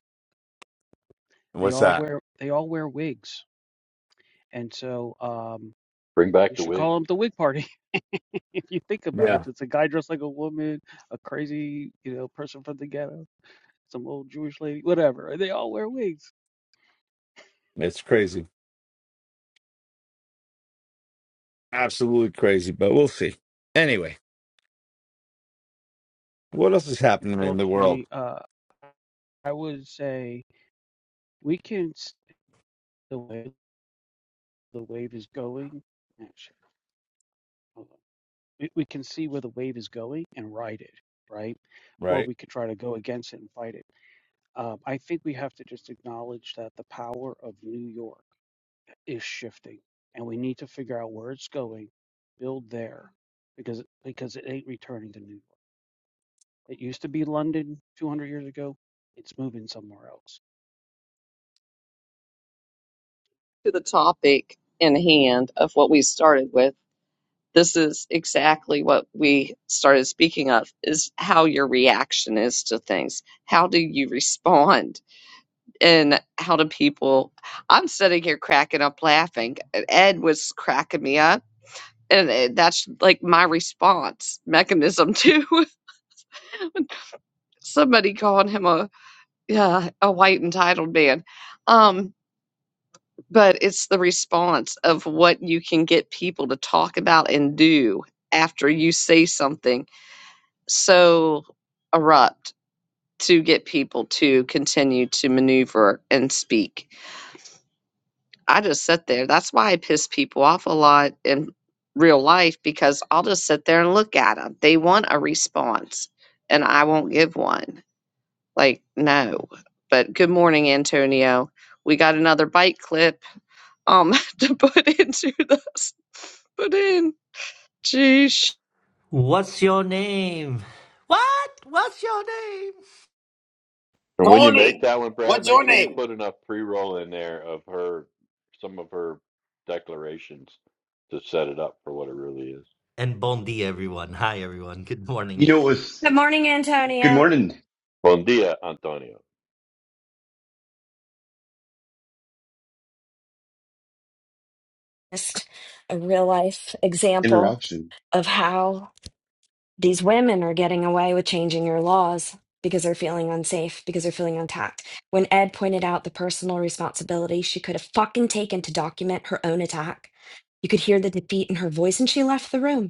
They all wear they all wear wigs. And so um
Bring back
you
the
should call
wigs.
them the wig party <laughs> if you think about it. If it's a guy dressed like a woman, a crazy, you know, person from the ghetto. some old Jewish lady, whatever. They all wear wigs. People, Tony, uh, I would say we can see the way the wave is going. Yeah, sure, hold on. We, we can see where the wave is going and ride it, right? Or we could try to go against it and fight it. Um, I think we have to just acknowledge that the power of New York. is shifting and we need to figure out where it's going build there because because it ain't returning to new york it used to be london 200 years ago it's moving somewhere else
to the topic in hand of what we started with. this is exactly what we started speaking of is how your reaction is to things how do you respond and how do people i'm sitting here cracking up laughing and ed was cracking me up and it- that's like my response mechanism to <laughs> somebody calling him a yeah a white entitled man um but it's the response of what you can get people to talk about and do after you say something so erupt to get people to continue to maneuver and speak. I just sit there. That's why I piss people off a lot in real life because I'll just sit there and look at them. They want a response and I won't give one. Like, no. But good morning, Antonio. We got another bite clip um <laughs> to put into this. Put in. Jeez.
What's your name? What? What's your name?
And when you make
Tony,
that one, Brad,
what's
make
your
sure you
name?
put enough pre-roll in there of her, some of her declarations to set it up for what it really is.
And bon dia, everyone. Hi, everyone. Good
You
morning.
know, it was
Good morning,
good
Antonio.
morning
Bon dia, Antonio.
Just a real life example
interaction.
of how these women are getting away with changing your laws because they're feeling unsafe, because they're feeling attacked. When Ed pointed out the personal responsibility she could have fucking taken to document her own attack, you could hear the defeat in her voice and she left the room.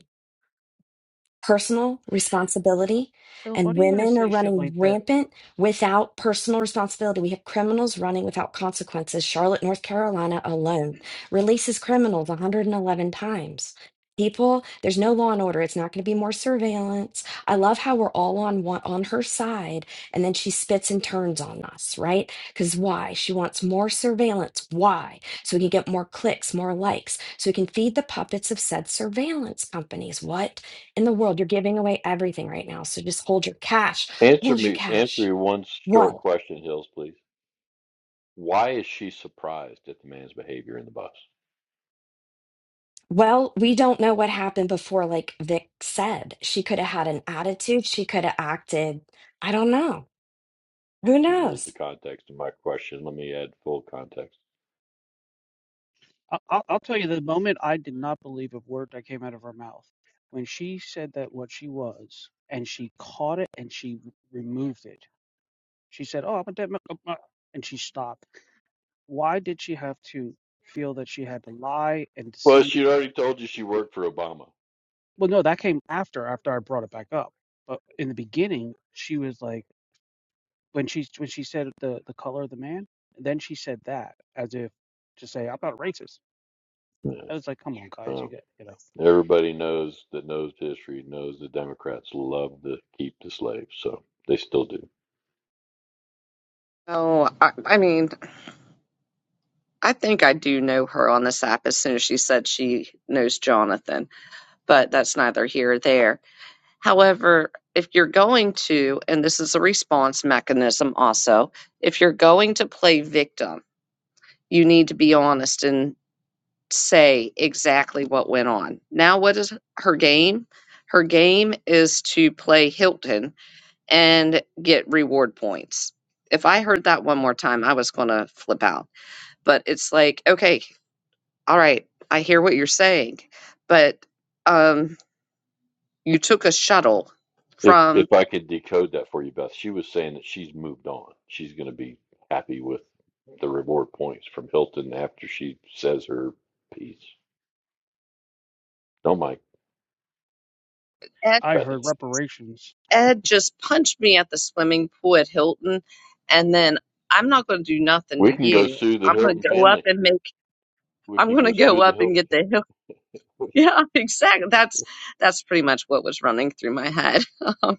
personal responsibility
hills why
and
do you guys
women are
say shit
running
like that
rampant without personal responsibility. We have criminals running without consequences. Charlotte, North Carolina alone releases criminals 111 times. People, there's no law and order. It's not going to be more surveillance. I love how we're all on one, on her side and then she spits and turns on us, right? Cuz why? She wants more surveillance. Why? So we can get more clicks, more likes, so we can feed the puppets of said surveillance companies. What? in the world. You're giving away everything right now. So just hold your cash.
Answer
Hold your
me, answer
cash.
me one short
What?
question, Hills, please. Why is she surprised at the man's behavior in the bus?
Well, we don't know what happened before, like Vic said. She could have had an attitude. She could have acted. I don't know. Who
This was the
knows?
context of my question. Let me add full context.
I, I'll, I'll tell you the moment i did not believe a word that came out of her mouth when she said that what she was and she caught it and she removed it she said oh i'm a dead man and she stopped why did she have to feel that she had to lie and
Well,
deceive
she already told you she worked for Obama.
Well, no, that came after after I brought it back up. But in the beginning, she was like when she when she said the the color of the man, then she said that as if to say I'm not racist.
Yeah.
I was like, come on, guys,
um,
you get you know.
Everybody knows that knows history knows the Democrats love to keep the slaves, so they still do.
Oh, I, I mean, I think I do know her on this app as soon as she said she knows Jonathan, but that's neither here or there. However, if you're going to, and this is a response mechanism also, if you're going to play victim, you need to be honest and say exactly what went on. Now, what is her game? Her game is to play Hilton and get reward points. If I heard that one more time, I was going to flip out but it's like okay all right, I hear what you're saying, but um, you took a shuttle
If
from
if I could decode that for you, Beth, she was saying that she's moved on. She's going to be happy with the reward points from Hilton after she says her piece. Don't mind
Ed.
I heard
Bethany.
reparations.
Ed just punched me at the swimming pool at Hilton, and then I'm not going to do nothing to
We can go
you.
sue the
I'm going
Hilton
to go up
family.
and make.
We
I'm
can
going
go
to go
sue the
up and
Hilton
get the hill. <laughs>
family.
Yeah, exactly. That's that's pretty much what was running through my head. <laughs>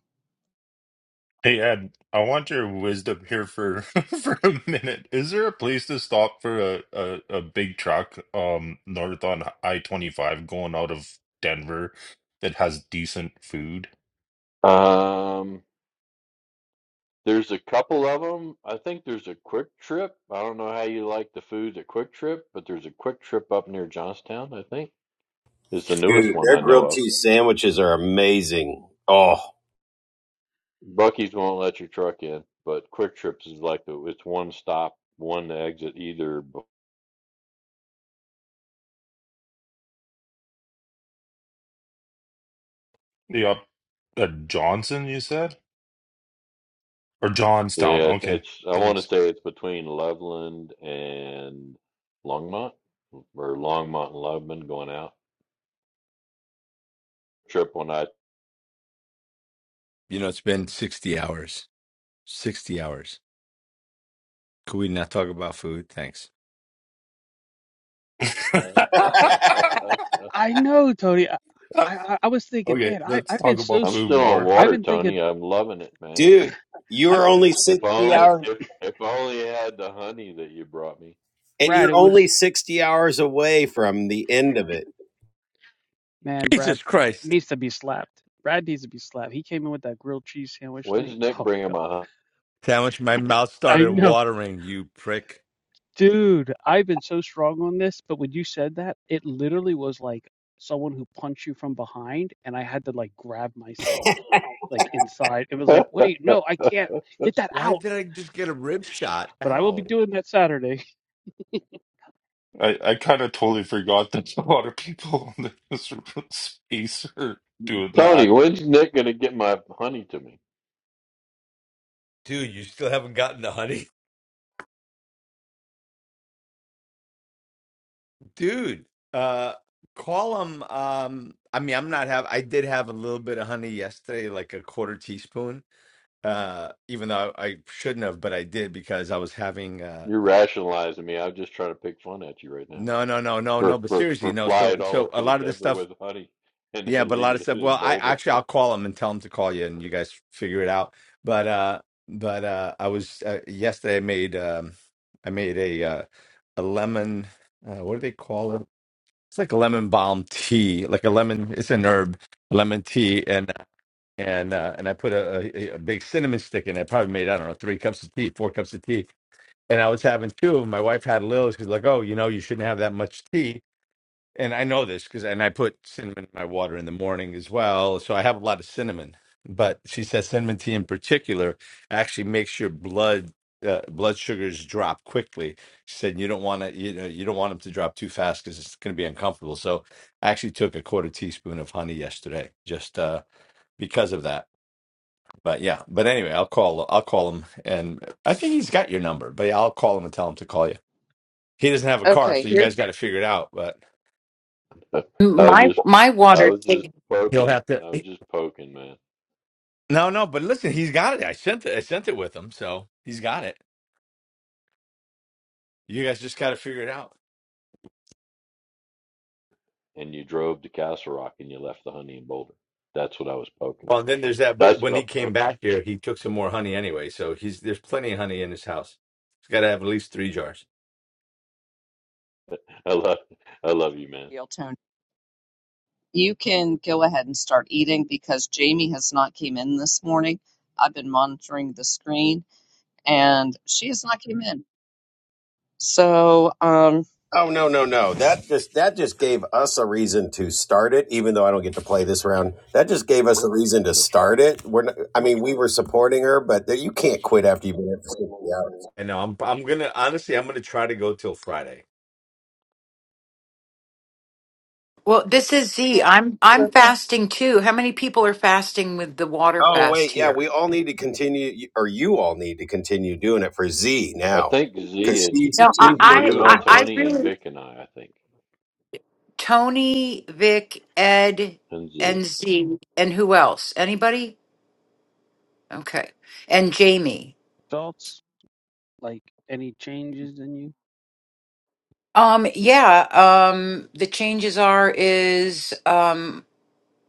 hey, Ed, I want your wisdom here for <laughs> for a minute. Is there a place to stop for a, a, a big truck um north on I-25 going out of Denver that has decent food?
Um, There's a couple of them. I think there's a Quick Trip. I don't know how you like the food at Quick Trip, but there's a Quick Trip up near Johnstown, I think. It's the newest
Dude,
one
their
I know
grilled
of.
cheese sandwiches are amazing. Oh,
Bucky's won't let your truck in, but Quick Trips is like the it's one stop, one exit either. b-
Yeah. At Johnson, you said? Or
Yeah,
Johnstown.
it's,
Okay.
it's I want to
Thanks.
say it's between Loveland and Longmont or Longmont and Loveland going out. Trip when I
<laughs>
<laughs>
<laughs>
I know, Tony. I I, I was thinking,
okay,
man, I
let's
I've
talk
been so
about
I'm
s-
food
still on
more.
I've
water,
been thinking,
Tony. I'm loving it, man.
dude,
I
you're
I
only
If
60
I-
only
hours
if if only I had the honey that you brought me.
and
Brad,
you're
it
only
was
60 hours away from the end of it.
Man, Brad needs to be slapped. Brad needs to be slapped. He came in with that grilled cheese sandwich thing.
When's
<laughs>
Nick
Oh
bringing
god.
my
I know. Dude, I've been so strong on this, but when you said that, it literally was like someone who punched you from behind and I had to like grab myself like inside. It was
honey?
like,
<laughs>
"Wait, no, I can't. Get that out." But I will be doing that Saturday.
I, I kind of totally forgot that <laughs> a lot of people <laughs> in this space are doing
Tony,
that.
when's Nick gonna get my honey to me? You're rationalizing me. I'm just trying to pick fun at you right now for for for flying all the way to Denver with honey <laughs> and then leaving it in Boulder.
okay,
<laughs> I was
My
just
my
I
water
was just
thing.
poking. I was just poking, man. And you drove to Castle Rock and you left the honey in Boulder. That's what I was poking. That's what I'm poking. <laughs> I love I love you,
real
man.
tone. You can go ahead and start eating because Jamie has not came in this morning. I've been monitoring the screen and she has not came in. So um,
Oh no, no, no. That just that just gave us a reason to start it even though I don't get to play this round. That just gave us a reason to start it. We're not, I mean, we were supporting her, but you can't quit after you've been there for 60 hours.
Well, this is Z. I'm I'm fasting too. How many people are fasting with the water
Oh wait,
fast
yeah,
here?
we all need to
<laughs>
continue or you all need to continue doing it for Z
I
now
think
cuz
Z. It's
she's
No, I
she's
it's
I,
working
you
hard
I
and
for
I
Tony and
really
Vic and I. I think
Tony, Vic, Ed,
and Z.
and Z, and who else? Anybody? Okay. And Jamie.
Thoughts like any changes in you?
Um yeah, um the changes are is um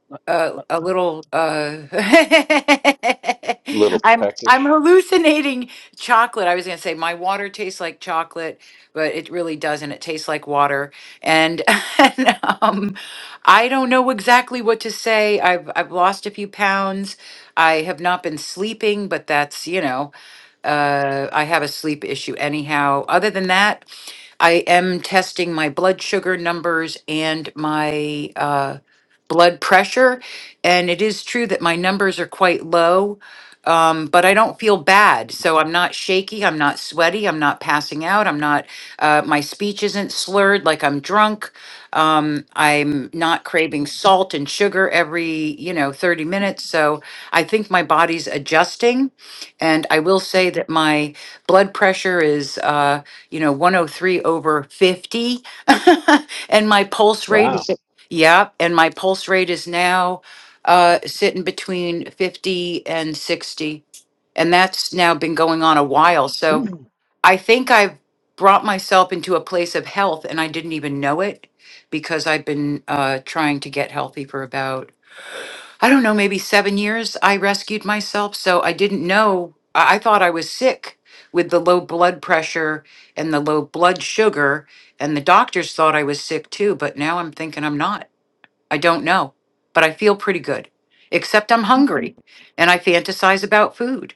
Not,
a,
not
a little uh <laughs>
Little
I'm I'm
peckish.
hallucinating chocolate. I was going to say my water tastes like chocolate, but it really doesn't. It tastes like water. And, <laughs> and, um I don't know exactly what to say. I've I've lost a few pounds. I have not been sleeping, but that's, you know, uh I have a sleep issue anyhow. Other than that, I am testing my blood sugar numbers and my uh blood pressure. And it is true that my numbers are quite low, um, but I don't feel bad. So I'm not shaky. I'm not sweaty. I'm not passing out. I'm not, uh, my speech isn't slurred like I'm drunk. Um, I'm not craving salt and sugar every, you know, 30 minutes. So I think my body's adjusting. And I will say that my blood pressure is, uh, you know, 103 over 50. <laughs> and my pulse rate
Wow,
is Yep, and my pulse rate is now uh, sitting between 50 and 60. And that's now been going on a while. So
<clears throat>
I think I've brought myself into a place of health and I didn't even know it because I've been uh, trying to get healthy for about, I don't know, maybe seven years. I rescued myself. So I didn't know, I I thought I was sick with the low blood pressure and the low blood sugar. And the doctors thought I was sick too, but now I'm thinking I'm not. I don't know, but I feel pretty good, except I'm hungry and I fantasize about food.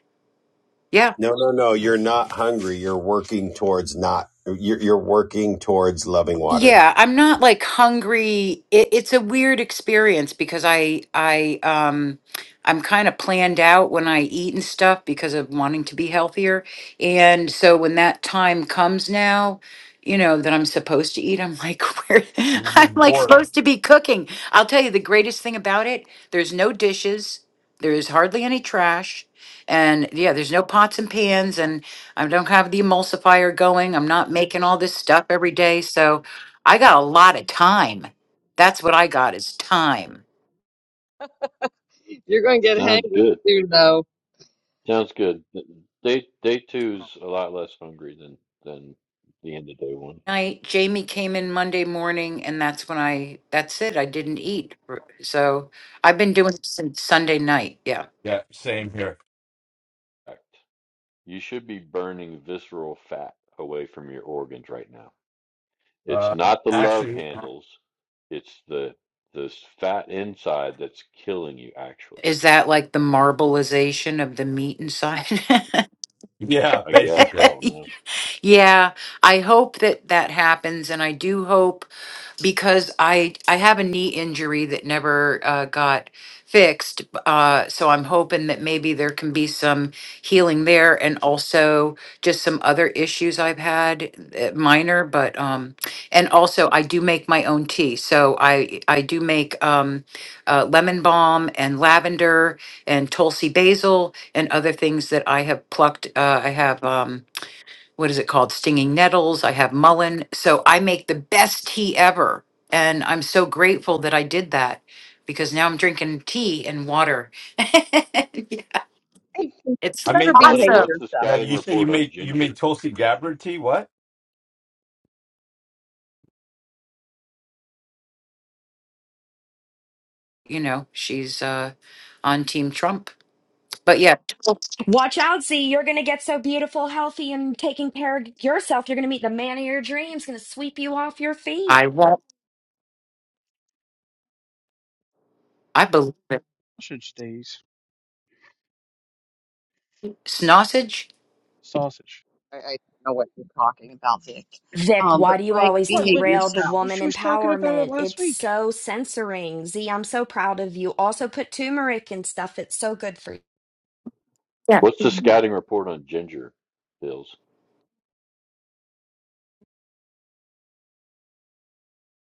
Yeah.
No, no, no. You're not hungry. You're working towards not. You're, you're working towards loving water.
Yeah, I'm not like hungry. It, it's a weird experience because I I um I'm kind of planned out when I eat and stuff because of wanting to be healthier. And so when that time comes now, you know, that I'm supposed to eat, I'm like, <laughs> where I'm like supposed to be cooking. I'll tell you the greatest thing about it, there's no dishes, there is hardly any trash. And yeah, there's no pots and pans, and I don't have the emulsifier going. I'm not making all this stuff every day. So, I got a lot of time. That's what I got is time.
you're going to get
sounds
hangry
good.
soon, though.
Sounds good. Day day two's a lot less hungry than than the end of day one.
I Jamie came in Monday morning and that's when I that's it. I didn't eat. r- So I've been doing it since Sunday night. Yeah.
Fact. You should be burning visceral fat away from your organs right now. It's not the love handles. It's the the fat inside that's killing you. Actually,
Is that like the marbleization of the meat inside?
I guess I don't know.
<laughs> yeah, I hope that that happens and I do hope because I I have a knee injury that never uh, got fixed. Uh, so I'm hoping that maybe there can be some healing there, and also just some other issues I've had, uh, minor. But um, and also I do make my own tea, so I I do make um, uh, lemon balm and lavender and tulsi basil and other things that I have plucked. Uh, I have. Um, what is it called? Stinging nettles. I have mullein. So I make the best tea ever. And I'm so grateful that I did that because now I'm drinking tea and water. <laughs> it's
Hey, you better
Tony,
behave
awesome.
what's the
yourself.
scouting report on ginger?
You know, she's uh, on Team Trump. But yeah,
Watch out, Z. You're going to get so beautiful, healthy, and taking care of yourself. You're going to meet the man of your dreams, going to sweep you off your feet.
I won't. I believe it.
sausage stays.
Snossage.
Sausage.
I, I don't know what you're talking about, Vic.
Vic,
Um,
why
but
do you
Frank,
always
What,
behave
what
derail
yourself.
the woman
she was talking about it
empowerment?
last
It's
week.
so censoring. Z, I'm so proud of you. Also, put turmeric and stuff. It's so good for
What's the scouting report on Ginger Bills?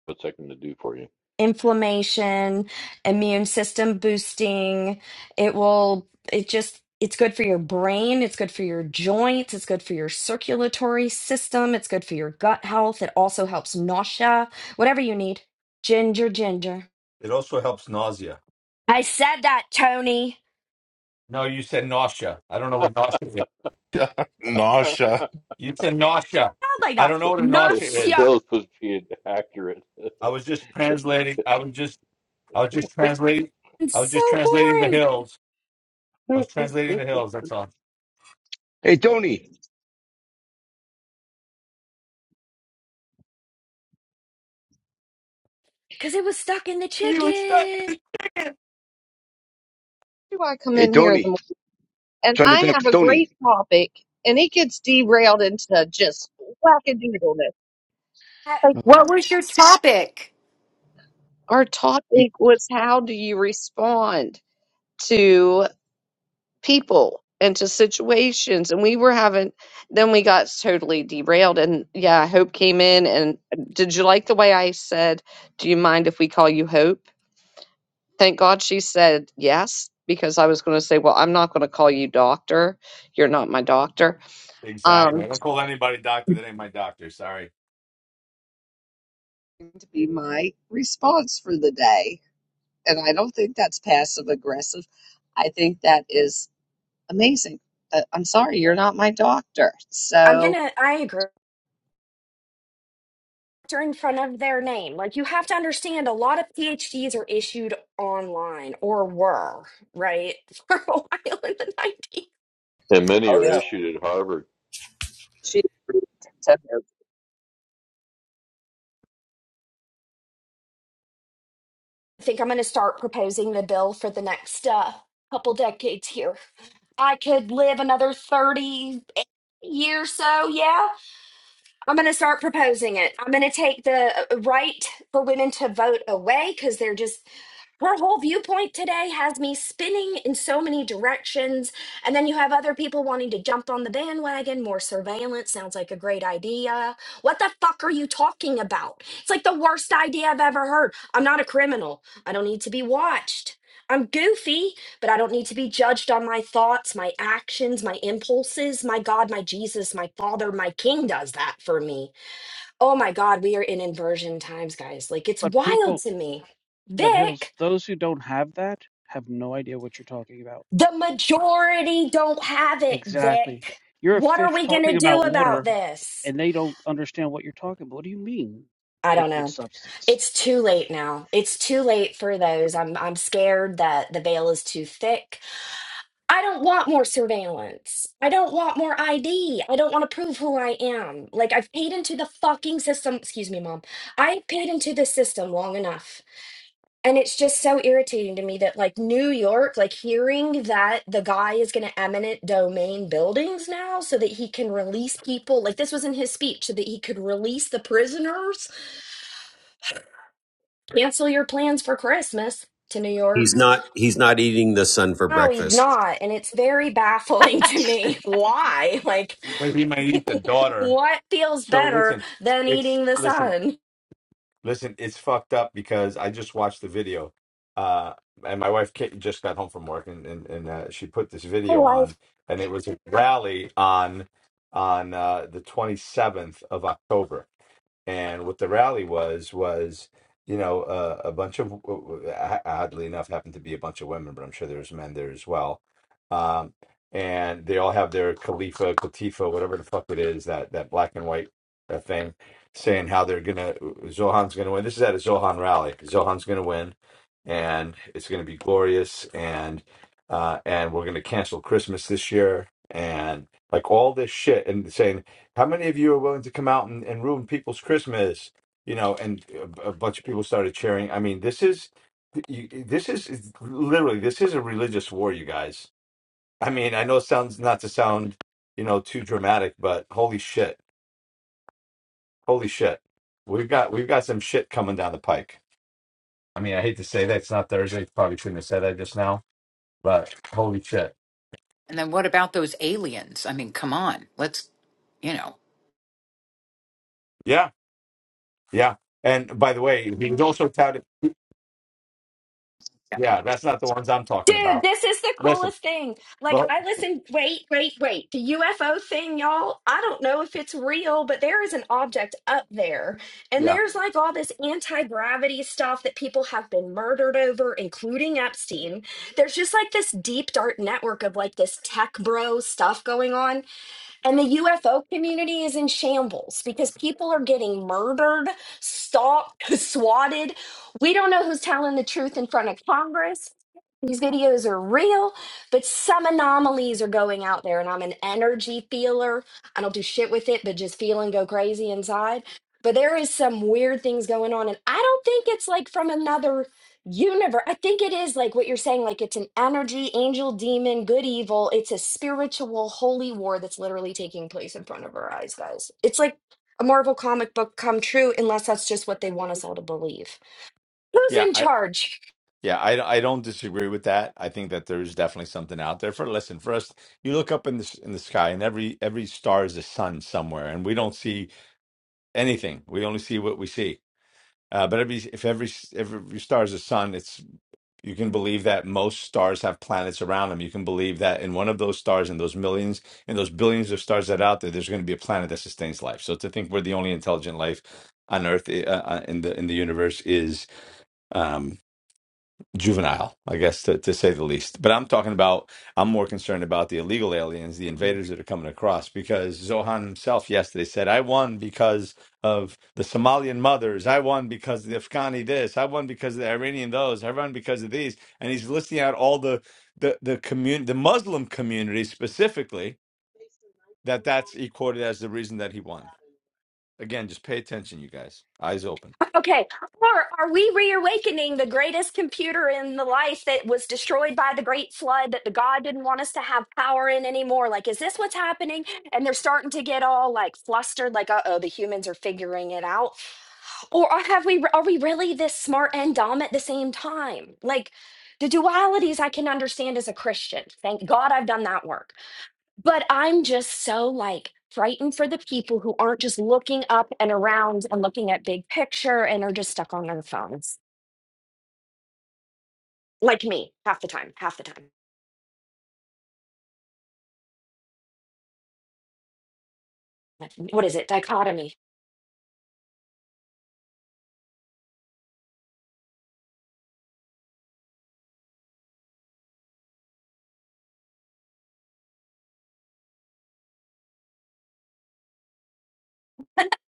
What's that going to do for you?
inflammation, immune system boosting. It will, it just, it's good for your brain. It's good for your joints. It's good for your circulatory system. It's good for your gut health. It also helps nausea, whatever you need. Ginger, ginger. I said that, Tony.
<laughs>
<laughs>
Nasha.
Sound like that. Nausea.
Bills supposed to be accurate.
It's so boring
<laughs> and
Hey, Tony.
because it was stuck in the chicken.
Do I come
Hey,
in here in the
Tony.
morning? And
Trying to
I
talk
have
to
a
Tony.
great topic, and it gets derailed into just wackadoodleness.
I-
Like
Oh.
What was your topic?
our topic was, how do you respond? to? people into situations and we were having then we got totally derailed and yeah hope came in and did you like the way i said do you mind if we call you hope thank god she said yes because i was going to say well i'm not going to call you doctor you're not my doctor um <laughs> to be my response for the day and i don't think that's passive aggressive i think that is amazing but i'm sorry you're not my doctor
I'm
so
gonna, I agree. doctor in front of their name. Like you have to understand a lot of PhDs are issued online or were, right? <laughs> For a while in the 90s.
many
Oh
are
yeah.
issued at Harvard.
she agreed to
I think I'm going to start proposing the bill for the next uh, couple decades here. I could live another 30 years so, yeah. I'm going to start proposing it. I'm going to take the uh, right for women to vote away because they're just, her whole viewpoint today has me spinning in so many directions. And then you have other people wanting to jump on the bandwagon. More surveillance sounds like a great idea. What the fuck are you talking about? It's like the worst idea I've ever heard. I'm not a criminal, I don't need to be watched. I'm goofy but I don't need to be judged on my thoughts, my actions, my impulses. My God, my Jesus, my Father, my King does that for me. Oh my God, we are in inversion times, guys. Like it's
But
wild
people,
to me.
but Hills,
Vic,
those who don't have that have no idea what you're talking about.
the majority don't have it,
Exactly.
Vic.
You're a
What are
fish
we going to
talking
do
about
about
water,
this?
and they don't understand what you're talking about. What do you mean,
I don't
liquid
know.
substance?
It's too late now. It's too late for those. I'm I'm scared that the veil is too thick I don't want more surveillance. I don't want more ID. I don't want to prove who I am. Like, I've paid into the fucking system. Excuse me, mom. I paid into the system long enough. And it's just so irritating to me that, like, New York, like, hearing that the guy is going to eminent domain buildings now so that he can release people. Like, this was in his speech so that he could release the prisoners. Cancel your plans for Christmas to New
He's
York.
not. He's not eating the sun for
No, he's
breakfast.
not. And it's very baffling <laughs> to me. Why? Like, <laughs> What feels better than eating the sun? My life.
And then what about those aliens? I mean, come on. Let's, you know.
Dude, this is the coolest thing. Like, I listen, wait, wait, wait. The UFO thing, y'all, I don't know if it's real, but there is an object up there. And there's like all this anti gravity stuff that people have been murdered over, including Epstein. There's just like this deep, dark network of like this tech bro stuff going on. And the UFO community is in shambles because people are getting murdered, stalked, <laughs> swatted. We don't know who's telling the truth in front of Congress. These videos are real, but some anomalies are going out there. And I'm an energy feeler. I don't do shit with it, but just feel and go crazy inside. But there is some weird things going on. And I don't think it's like from another Universe. I think it is like what you're saying, like it's an energy, angel, demon, good, evil. It's a spiritual holy war that's literally taking place in front of our eyes, guys. It's like a Marvel comic book come true, unless that's just what they want us all to believe. Who's in charge?
<clears throat>
Okay. Or are we reawakening the greatest computer in the life that was destroyed by the great flood that the God didn't want us to have power in anymore? Like, is this what's happening? And they're starting to get all like flustered, like, uh oh, the humans are figuring it out. Or are- have we are we really this smart and dumb at the same time? Like the dualities I can understand as a Christian. Thank God I've done that work but I'm just so like frightened for the people who aren't just looking up and around and looking at big picture and are just stuck on their phones, like me, half the time, half the time. Like, What is it? Dichotomy.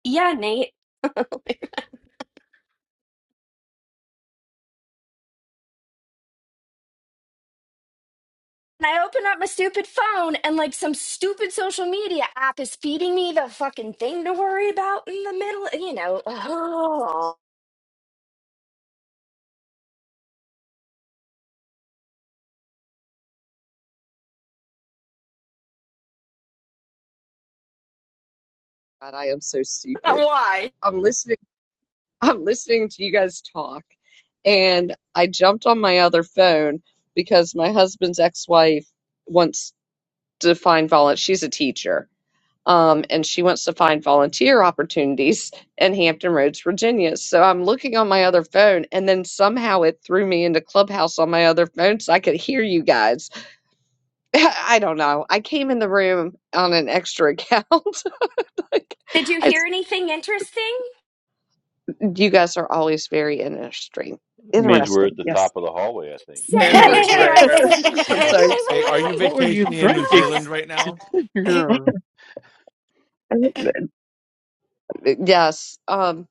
Yeah, Nate. And I open up my stupid phone and like some stupid social media app is feeding me the fucking thing to worry about in the middle, you know. Oh,
God, I am so
<laughs>
stupid.
why?
I'm listening. <laughs> I'm listening to you guys talk, and I jumped on my other phone because my husband's ex-wife wants to find volunteer. She's a teacher, um, and she wants to find volunteer opportunities in Hampton Roads, Virginia. So I'm looking on my other phone, and then somehow it threw me into Clubhouse on my other phone, so I could hear you guys. <laughs> I don't know. I came in the room on an extra account.
Did
<laughs>
you
I
hear anything interesting?
You guys are always very interesting.
Means we're at
Interesting.
the
Yes.
top of the hallway, I think.
Say interesting.
<laughs> I'm
<laughs>
Wait,
sorry.
wait, wait, wait.
What were you drinking?
Yes.
<laughs> Grr.
<laughs> yes. Um,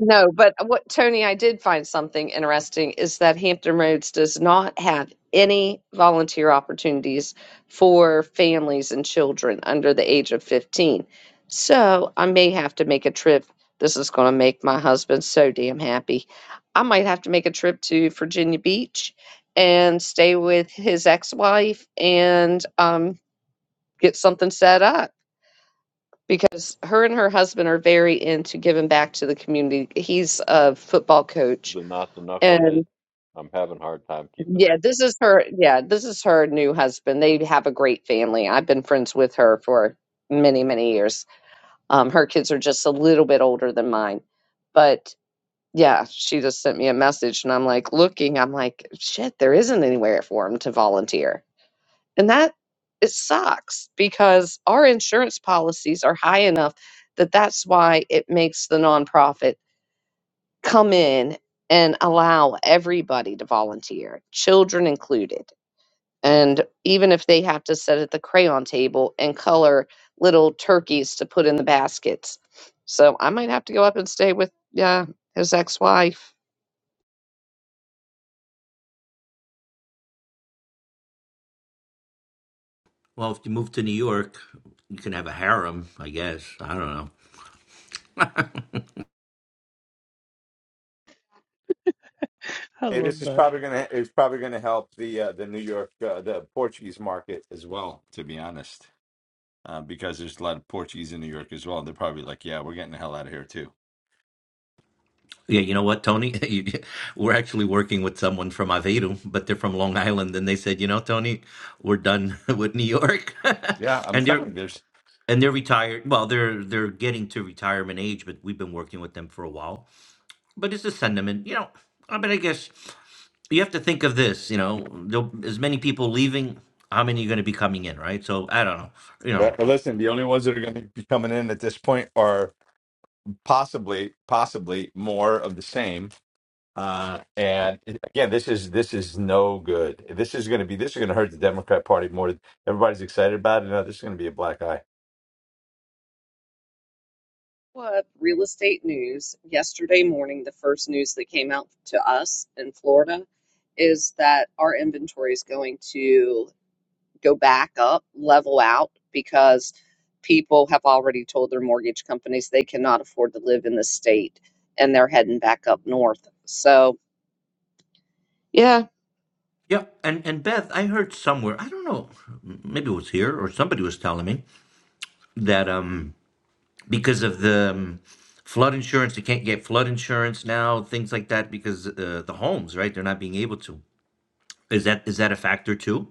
no, but what Tony, I did find something interesting is that Hampton Roads does not have any volunteer opportunities for families and children under the age of 15. So I may have to make a trip. This is going to make my husband so damn happy. I might have to make a trip to Virginia Beach and stay with his ex wife and, um, get something set up because her and her husband are very into giving back to the community. He's a football coach
But not the knucklehead.
and
I'm having a hard time keeping
yeah,
up.
this is her yeah, this is her new husband. They have a great family. I've been friends with her for many, many years. Um her kids are just a little bit older than mine. But yeah, she just sent me a message and I'm like looking, I'm like, shit, there isn't anywhere for him to volunteer And that it sucks because our insurance policies are high enough that that's why it makes the nonprofit come in and allow everybody to volunteer, children included. And even if they have to sit at the crayon table and color little turkeys to put in the baskets. So I might have to go up and stay with yeah, his ex-wife
Well, if you move to New York, you can have a harem, I guess. I don't know.
I love that.
Yeah, you know what, Tony? <laughs> You- we're actually working with someone from Aveiro, but they're from Long Island, and they said, you know, Tony, we're done <laughs> with New York, <laughs> and they're and they're retired. Well, they're they're getting to retirement age, but we've been working with them for a while but it's a sentiment, you know. I mean, I guess you have to think of this, you know, there'll, as many people leaving, how many are going to be coming in, right? So I don't know, you know.
What real estate news yesterday morning? The first news that came out to us in Florida is that our inventory is going to go back up, level out, because people have already told their mortgage companies they cannot afford to live in the state and they're heading back up north. So, yeah,
Yeah, and and Beth, I heard somewhere, I don't know, maybe it was here or somebody was telling me that um because of the um, flood insurance, they can't get flood insurance now, things like that because uh, the homes, right? They're not being able to. Is that is that a factor too?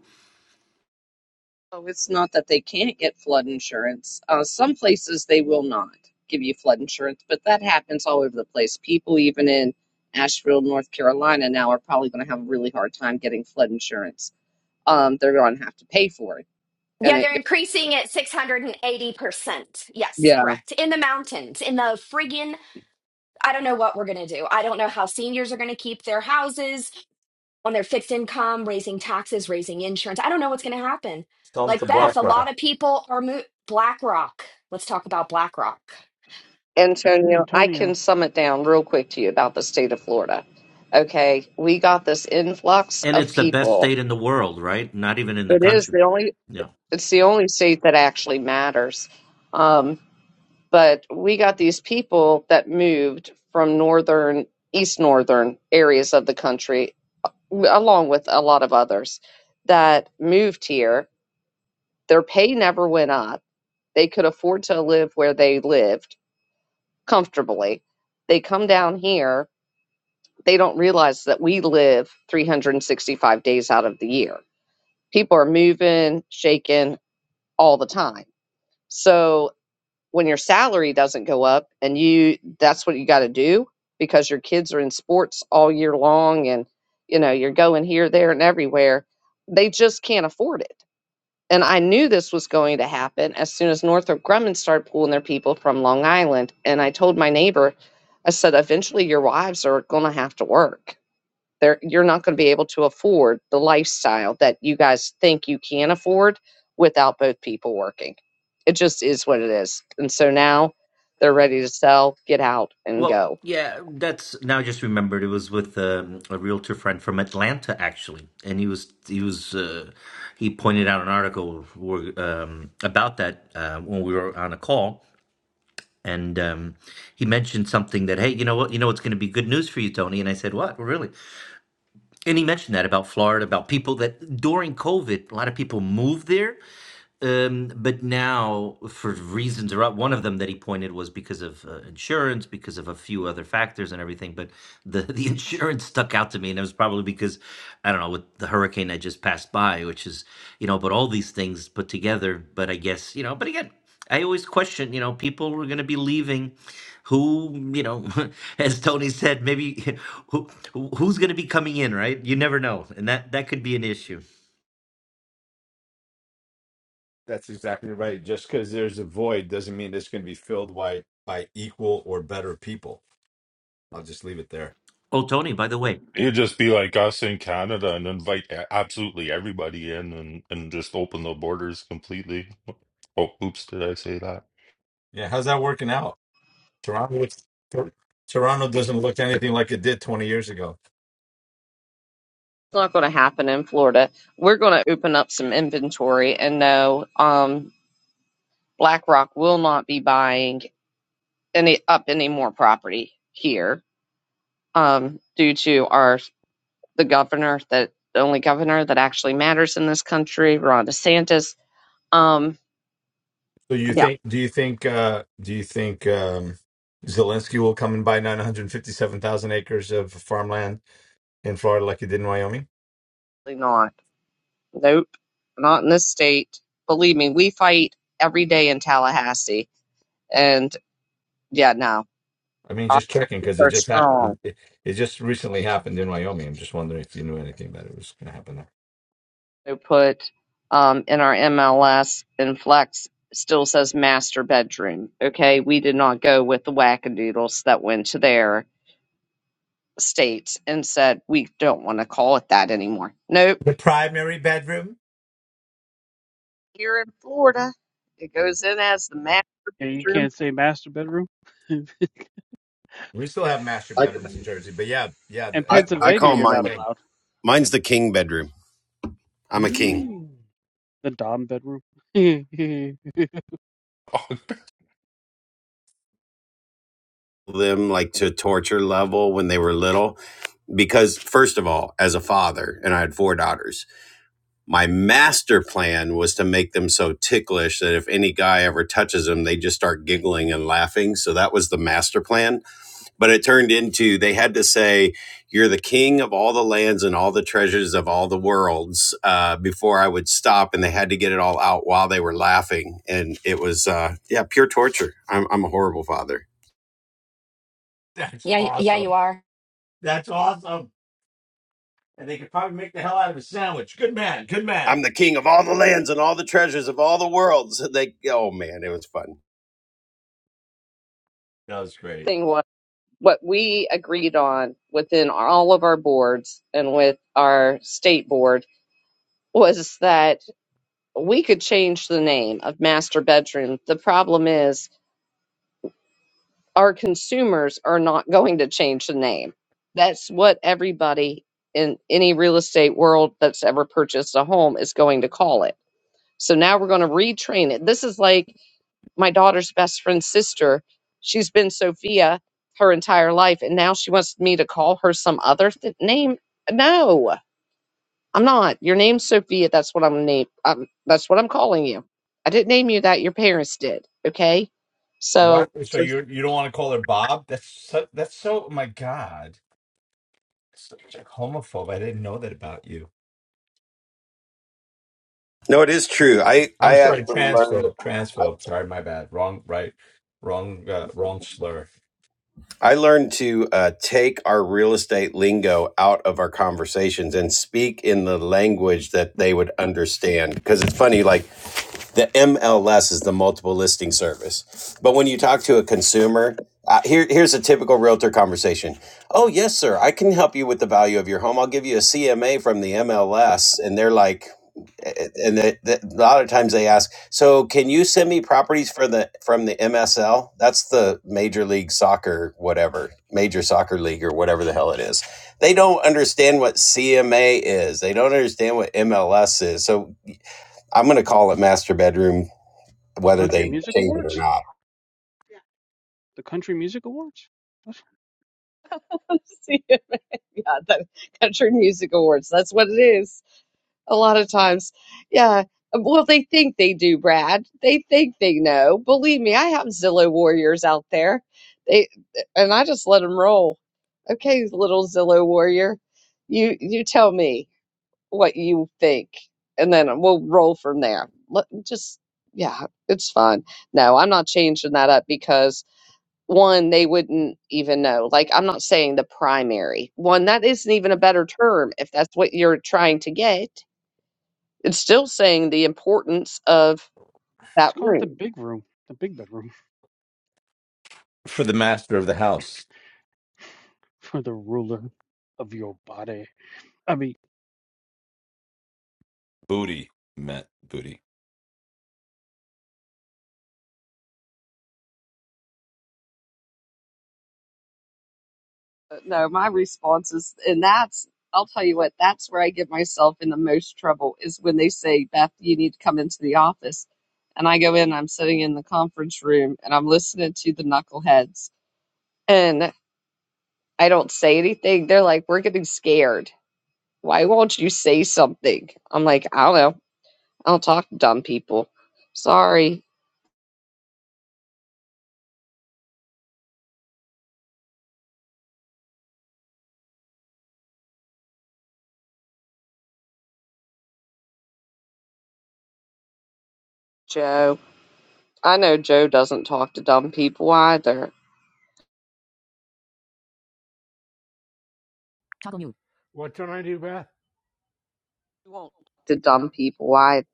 Oh, it's not that they can't get flood insurance. Uh, some places they will not give you flood insurance, but that happens all over the place. People, even in Asheville, North Carolina, now are probably going to have a really hard time getting flood insurance. Um, they're going to have to pay for it, and
Yeah,
it.
they're
go-
increasing at 680%. Yes,
Yeah,
correct. In the mountains, in the friggin', I don't know what we're going to do. I don't know how seniors are going to keep their houses on their fixed income, raising taxes, raising insurance. I don't know what's going to happen. Like
Uh,
Beth, a lot of people are mo- BlackRock. Let's talk about BlackRock.
Antonio, I can
Antonio,
sum it down real quick to you about the state of Florida. Okay, we got this influx
and
of
it's the best
people.
state in the world, right? Not even in the
It is
country.
the only.
Yeah.
It's the only state that actually matters. Um, but we got these people that moved from northern east northern areas of the country along with a lot of others that moved here their pay never went up they could afford to live where they lived comfortably they come down here they don't realize that we live 365 days out of the year people are moving shaking all the time so when your salary doesn't go up and you that's what you got to do because your kids are in sports all year long and you know you're going here there and everywhere they just can't afford it and i knew this was going to happen as soon as northrop grumman started pulling their people from long island and i told my neighbor i said eventually your wives are going to have to work there, you're not going to be able to afford the lifestyle that you guys think you can afford without both people working. It just is what it is. And so now they're ready to sell, get out, and
Well,
go. It's
yeah, that's now I just remembered it was with um, a realtor friend from Atlanta actually, and he was he was uh, he pointed out an article where, um, about that uh, when we were on a call, and um, he mentioned something that hey, you know what, you know it's going to be good news for you, Tony, and I said what, really, and he mentioned that about Florida, about people that during COVID, a lot of people moved there, um, but now, for reasons or one of them that he pointed was because of uh, insurance, because of a few other factors and everything. But the <laughs> the insurance stuck out to me, and it was probably because I don't know with the hurricane that just passed by, which is you know, but all these things put together. But I guess you know, but again, I always question you know, people are going to be leaving. Who you know, <laughs> as Tony said, maybe <laughs> who who- who's going to be coming in, right? You never know, and that that could be an issue. Oh, Tony, by the way.
It'd just be like us in Canada and invite a- absolutely everybody in and, and just open the borders completely. Oh, oops, did I say that?
not going to happen in Florida. We're going to open up some inventory, and no, um, BlackRock will not be buying any up any more property here um, due to our the governor that the only governor that actually matters in this country, Ron DeSantis. Um, yeah, not. Nope. Not in this state. Believe me, we fight every day in Tallahassee. And yeah, no. Our people are strong. They put um in our MLS and Flex still says master bedroom. Okay. We did not go with the wackadoodles that went to their states and said we don't want to call it that anymore. Nope. Here in Florida, it goes in as the master
yeah, you
bedroom.
can't say master bedroom. <laughs> In Pennsylvania, you're not allowed.
Mine's the king bedroom. I'm a king.
Mm. The Dom bedroom. <laughs> the
<laughs>
Them like to torture level when they were little because first of all, as a father, and I had four daughters. My master plan was to make them so ticklish that if any guy ever touches them, they just start giggling and laughing. So that was the master plan but it turned into they had to say you're the king of all the lands and all the treasures of all the worlds uh, before i would stop and they had to get it all out while they were laughing and it was uh, yeah pure torture I'm, I'm a horrible father
Yeah, yeah, you are.
i'm the king of all the lands and all the treasures of all the worlds <laughs> they oh man it was fun
Thing was. what we agreed on within all of our boards and with our state board was that we could change the name of master bedroom. The problem is our consumers are not going to change the name. That's what everybody in any real estate world that's ever purchased a home is going to call it. So now we're going to retrain it. This is like my daughter's best friend's sister. She's been Sophia her entire life, and now she wants me to call her some other th- name. No, I'm not. Your name's Sophia. That's what I'm name. Um, that's what I'm calling you. I didn't name you that. Your parents did. Okay, so. <laughs> so-
no it is true i i uh, i learned to uh, take our real estate lingo out of our conversations and speak in the language that they would understand because it's funny like the MLS is the multiple listing service. But when you talk to a consumer, uh, here here's a typical realtor conversation. Oh yes, sir, I can help you with the value of your home. I'll give you a CMA from the MLS, and they're like, eh, eh, and they, they, a lot of times they ask, so can you send me properties for the from the MSL? That's the Major League Soccer, whatever Major Soccer League or whatever the hell it is. They don't understand what CMA is. They don't understand what MLS is. So I'm going to call it master bedroom whether
Country
they
Music
change it or
Awards?
not.
Yeah. The Country Music Awards? Let's,
yeah, the Country Music Awards. That's what it is. a lot of times. Yeah. Well, they think they do, Brad. They think they know. Believe me, I have Zillow warriors out there. They and I just let them roll. Okay, little Zillow warrior, you you tell me what you think, and then we'll roll from there. Let, just yeah, it's fun. No, I'm not changing that up because one, they wouldn't even know. Like I'm not saying the primary one. That isn't even a better term if that's what you're trying to get it's still saying the importance of
let's
that
call it the
room.
big room, the big bedroom <laughs> for the ruler of your body. I mean,
no, my response is, and that's, I'll tell you what, that's where I get myself in the most trouble is when they say, Beth, you need to come into the office. And I go in, I'm sitting in the conference room and I'm listening to the knuckleheads and I don't say anything. They're like, we're getting scared. Why won't you say something? I'm like, I don't know. I don't talk to dumb people. Sorry, Joe. I know Joe doesn't talk to dumb people either.
Toggle mute. What don't I do, Beth?
You won't talk to dumb people either.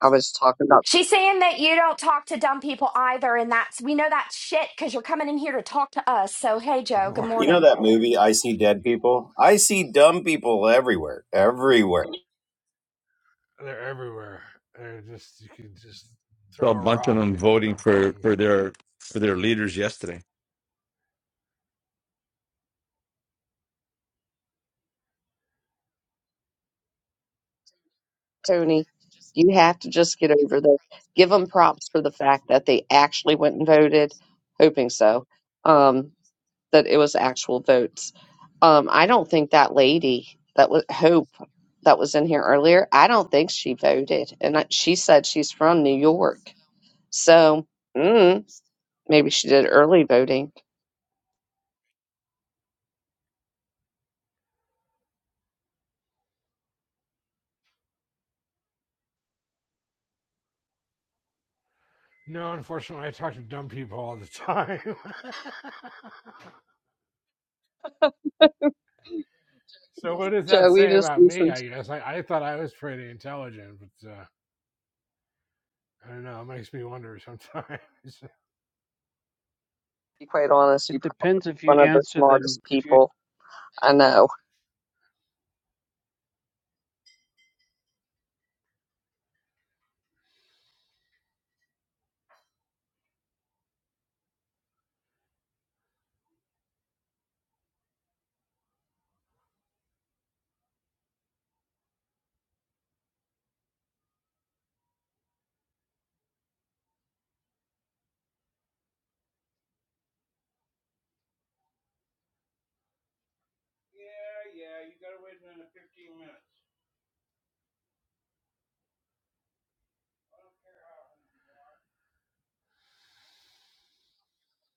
I was talking about
She's saying that you don't talk to dumb people either, and that's we know that shit because you're coming in here to talk to us. So hey,
Good
Joe, good
morning.
You know
morning.
that movie, I See Dead People? I see dumb people everywhere, everywhere.
<laughs> They're everywhere. They're just you can just throw a rock and hit a dumb person.
Tony. You have to just get over the give them props for the fact that they actually went and voted, hoping so, um, that it was actual votes. Um, I don't think that lady that was Hope that was in here earlier. I don't think she voted, and I, she said she's from New York, so mm, maybe she did early voting.
No, unfortunately, I talk to dumb people all the time. <laughs> so what does that
Joe, we
say
just
about me?
listened. To
I guess I, I thought I was pretty intelligent, but uh, I don't know. It makes me wonder sometimes.
be quite honest,
it
you probably
depends if you
one of the
answer them.
smartest
If you
people I know.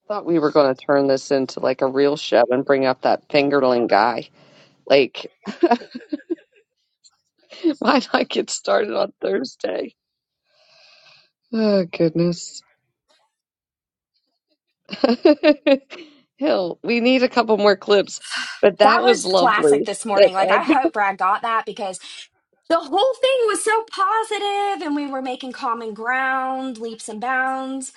I thought we were going to turn this into like a real show and bring up that fingerling guy. Like, <laughs> why not get started on Thursday? Oh, goodness. <laughs> Hill, we need a couple more clips, but
That
that was
was classic
lovely.
this morning.
That
Like I
Ed
hope Brad got that because the whole thing was so positive and we were making common ground leaps and bounds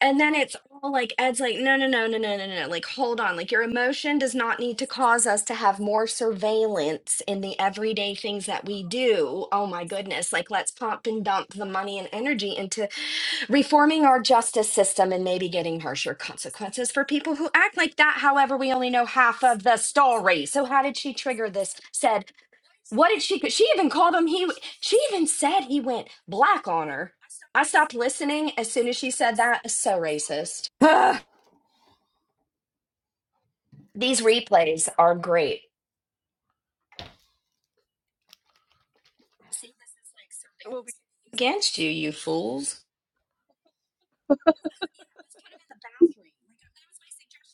and then it's all like ed's like no no no no no no no no, like hold on like your emotion does not need to cause us to have more surveillance in the everyday things that we do oh my goodness like let's pump and dump the money and energy into reforming our justice system and maybe getting harsher consequences for people who act like that however we only know half of the story so how did she trigger this said what did she? She even called him. He. She even said he went black on her. I stopped listening as soon as she said that. So racist. <sighs> Ugh. These replays are great
<laughs> will be.
against you, you fools.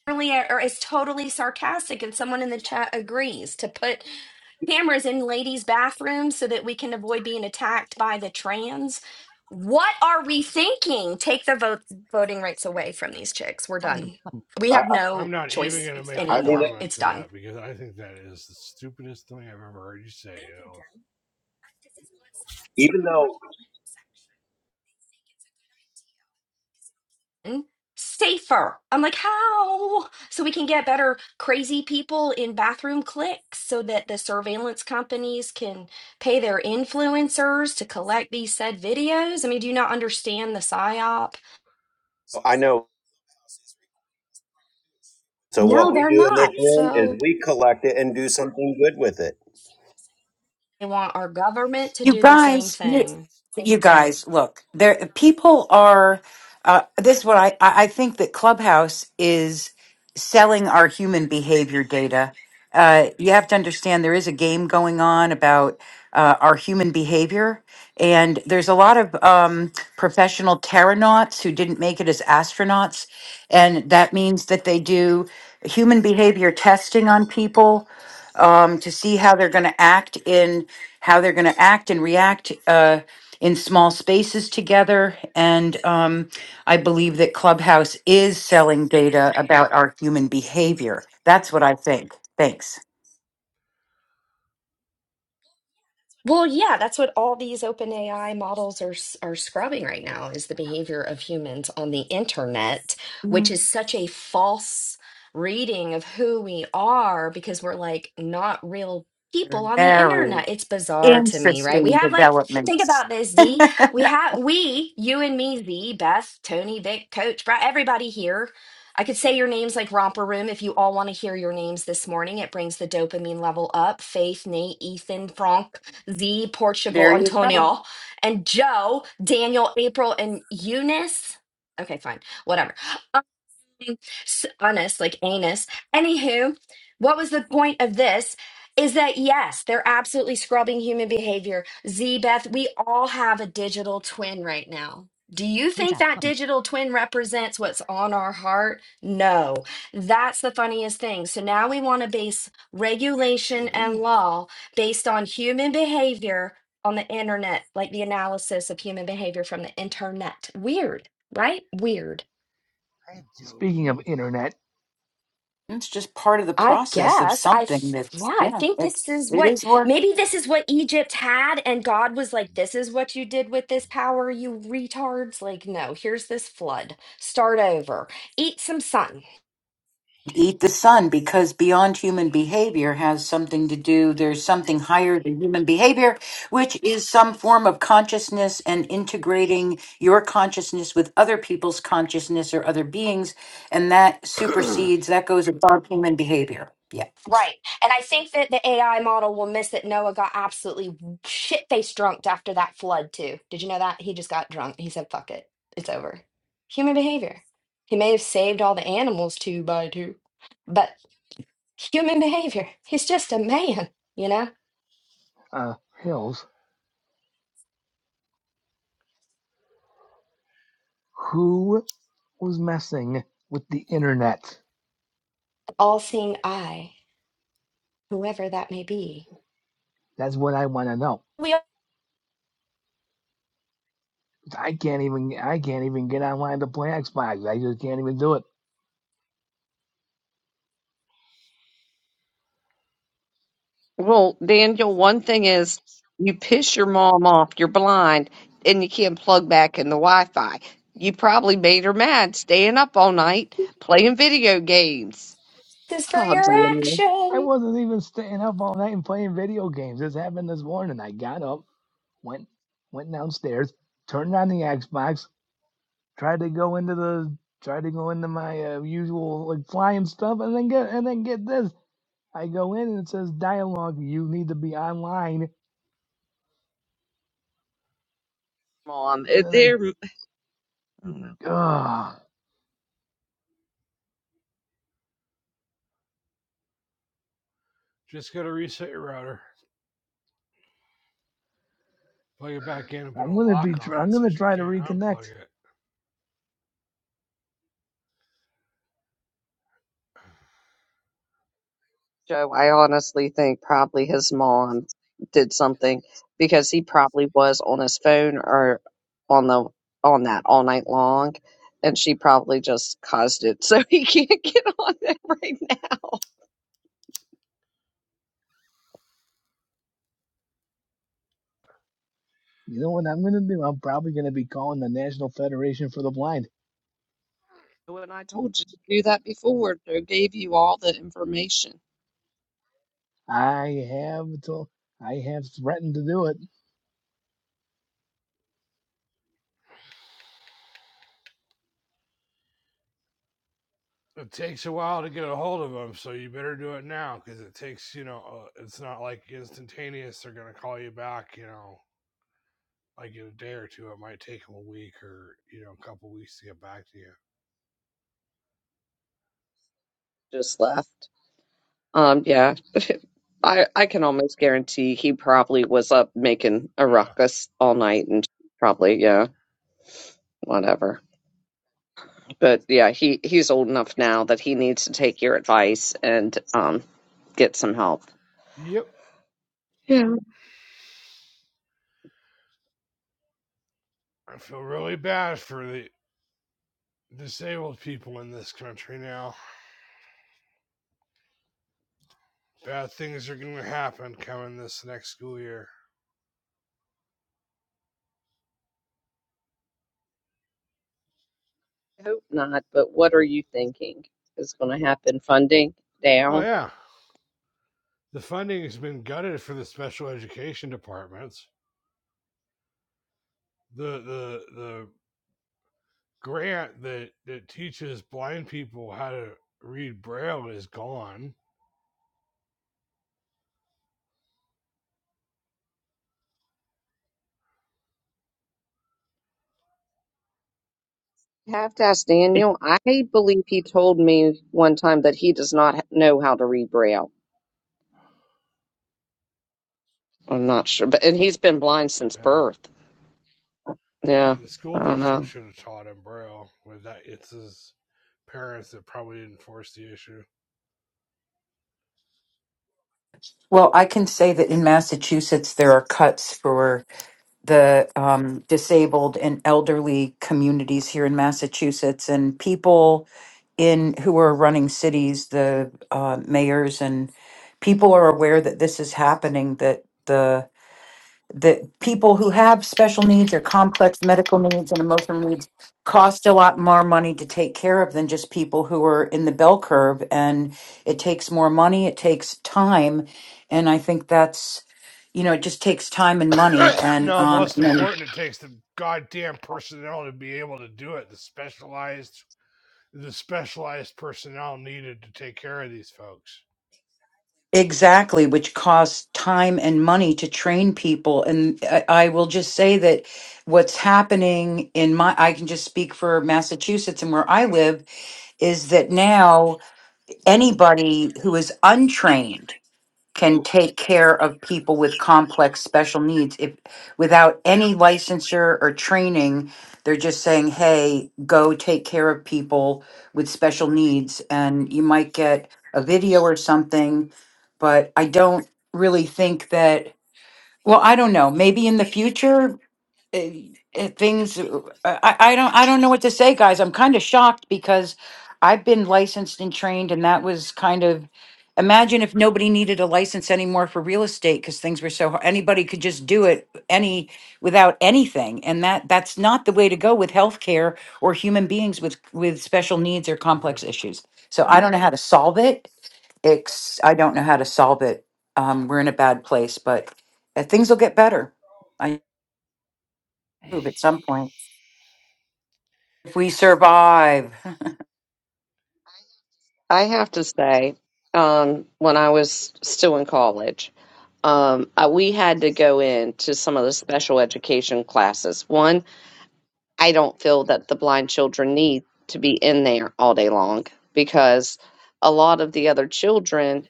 Really, or it's totally sarcastic, and someone in the chat agrees to put cameras in ladies' bathrooms so that we can avoid being attacked by the trans. What are we thinking? Take the vote voting rights away from these chicks. We're done.
<laughs>
We
I,
have
I'm
no
not even
choice
going to make a
I mean,
anymore.
comment
It's
to
done.
that because I think that is the stupidest thing I've ever heard you say. Thank you, Joe.
even though
Mm, safer. I'm like, how? So we can get better crazy people in bathroom cliques so that the surveillance companies can pay their influencers to collect these said videos. I mean, do you not understand the PSYOP?
I know, so what
No,
we
they're
do in this
not.
room is
So
we collect it and do something good with it.
they want our government to
You
do the same
guys, you,
thing.
you guys, look, there people are. Uh, this is what I, I I think that Clubhouse is selling our human behavior data. Uh, you have to understand there is a game going on about uh, our human behavior, and there's a lot of um, professional terranauts who didn't make it as astronauts, and that means that they do human behavior testing on people um, to see how they're going to act in how they're going to act and react uh, in small spaces together. And um, I believe that Clubhouse is selling data about our human behavior. That's what I think. Thanks.
Well, yeah, that's what all these open AI models are s- are scrubbing right now is the behavior of humans on the internet, which
Mm,
is such a false reading of who we are because we're like not real people on the
Very
internet. It's bizarre to me, right?
interesting
We have like think
developments.
about this, Z. We have we, you and me, Z, Beth, Tony, Vic, Coach, Brad, everybody here. I could say your names like Romper Room if you all want to hear your names this morning. It brings the dopamine level up. Faith, Nate, Ethan, Frank. Z, Portugal,
There you go.
Antonio, and Joe, Daniel, April, and Eunice. Okay, fine, whatever. S- honest, like anus. Anywho, what was the point of this? Is that yes, they're absolutely scrubbing human behavior. Z Beth, we all have a digital twin right now. Do you think that digital twin represents what's on our heart? No. That's the funniest thing. So now we want to base regulation and law based on human behavior on the internet, like the analysis of human behavior from the internet. Weird, right? Weird.
Speaking of internet,
It's just part of the
I
process of
guess I
something
f-
that's
yeah, I
yeah,
think this
it's
is
it
what
is working.
maybe this is what Egypt had and God was like this is what you did with this power you retards like no, here's this flood. Start over. Eat some sun.
eat the sun because beyond human behavior has something to do there's something higher than human behavior which is some form of consciousness and integrating your consciousness with other people's consciousness or other beings and that supersedes that goes above human behavior yeah
Right. And I think that the AI model will miss that Noah got absolutely shit-faced drunk after that flood too. Did you know that? He just got drunk. He said fuck it. It's over. Human behavior. He may have saved all the animals two by two, but human <laughs> behavior. He's just a man, you know?
uh, Hills, who was messing with the internet?
all seeing eye, whoever that may be.
That's what I want to know.
We all
I can't even I can't even get online to play Xbox. I just can't even do it.
Well, Daniel, one thing is you piss your mom off, you're blind, and you can't plug back in the Wi Fi. You probably made her mad staying up all night playing video games.
do this for
Oh,
your
Daniel.
I
action.
wasn't even staying up all night and playing video games. This happened this morning. I got up, went went downstairs, turned on the Xbox, tried to go into the tried to go into my uh, usual like flying stuff, and then get and then get this. I go in and it says dialogue. You need to be online
mom.
and
It,
then I.
they're, I don't know,
Ugh,
Just got to reset your router. plug it back in and put a
I'm gonna
lock
be.
on
tr-
it
I'm
so
gonna
she
try to
can't unplug
reconnect.
it.
Joe. I honestly think probably his mom did something because he probably was on his phone or on the on that all night long, and she probably just caused it <laughs> so he can't <laughs> get on that right now.
You know what I'm gonna do? I'm probably gonna be calling the National Federation for the Blind.
When I told you to do that before, Joe gave you all the information.
I have to. I have threatened to do it.
It takes a while to get a hold of them, so you better do it now because it takes, you know, uh, it's not like instantaneous. They're going to call you back, you know, like in a day or two. It might take them a week or, you know, a couple weeks to get back to you.
Just left. Um, yeah, <laughs> I I can almost guarantee he probably was up making a ruckus all night and probably yeah, whatever. But yeah, he he's old enough now that he needs to take your advice and um get some help.
Yeah. Yep. I feel really bad for the disabled people in this country now. Bad things are going to happen coming this next school year.
I hope not, but what are you thinking is going to happen? Funding
Oh,
down?
yeah. The funding has been gutted for the special education departments. the the the grant that that teaches blind people how to read braille is gone.
You have to ask Daniel. I believe he told me one time that he does not know how to read Braille. I'm not sure, but and he's been blind since
Yeah,
birth.
the,
Yeah,
school
I don't
district
know.
should have taught him braille, With that it's his parents that probably didn't force the issue. <clears throat>
well i can say that in massachusetts there are cuts for the um, disabled and elderly communities here in Massachusetts and people in who are running cities, the uh, mayors and people are aware that this is happening. That the that people who have special needs or complex medical needs and emotional needs cost a lot more money to take care of than just people who are in the bell curve, and it takes more money, it takes time, and I think that's you know it just takes time and money, and
No,
um,
most
and then
important, it takes the goddamn personnel to be able to do it. The specialized the specialized personnel needed to take care of these folks.
Exactly, which costs time and money to train people. And I, I will just say that what's happening in my, I can just speak for Massachusetts and where I live, is that now anybody who is untrained can take care of people with complex special needs if without any licensure or training they're just saying hey go take care of people with special needs and you might get a video or something but i don't really think that well i don't know maybe in the future eh, eh, things uh, I, I don't I don't know what to say guys I'm kind of shocked because I've been licensed and trained and that was kind of imagine if nobody needed a license anymore for real estate because things were so hard. anybody could just do it any without anything and that that's not the way to go with healthcare or human beings with with special needs or
You know,
complex issues so I don't know how to solve it ex- I don't know how to solve it um, we're in a bad place but uh, things will get better I hope at some point If we survive. <laughs>
I have to say, um, when I was still in college, um, uh, we had to go into some of the special education classes. One, I don't feel that the blind children need to be in there all day long because a lot of the other children,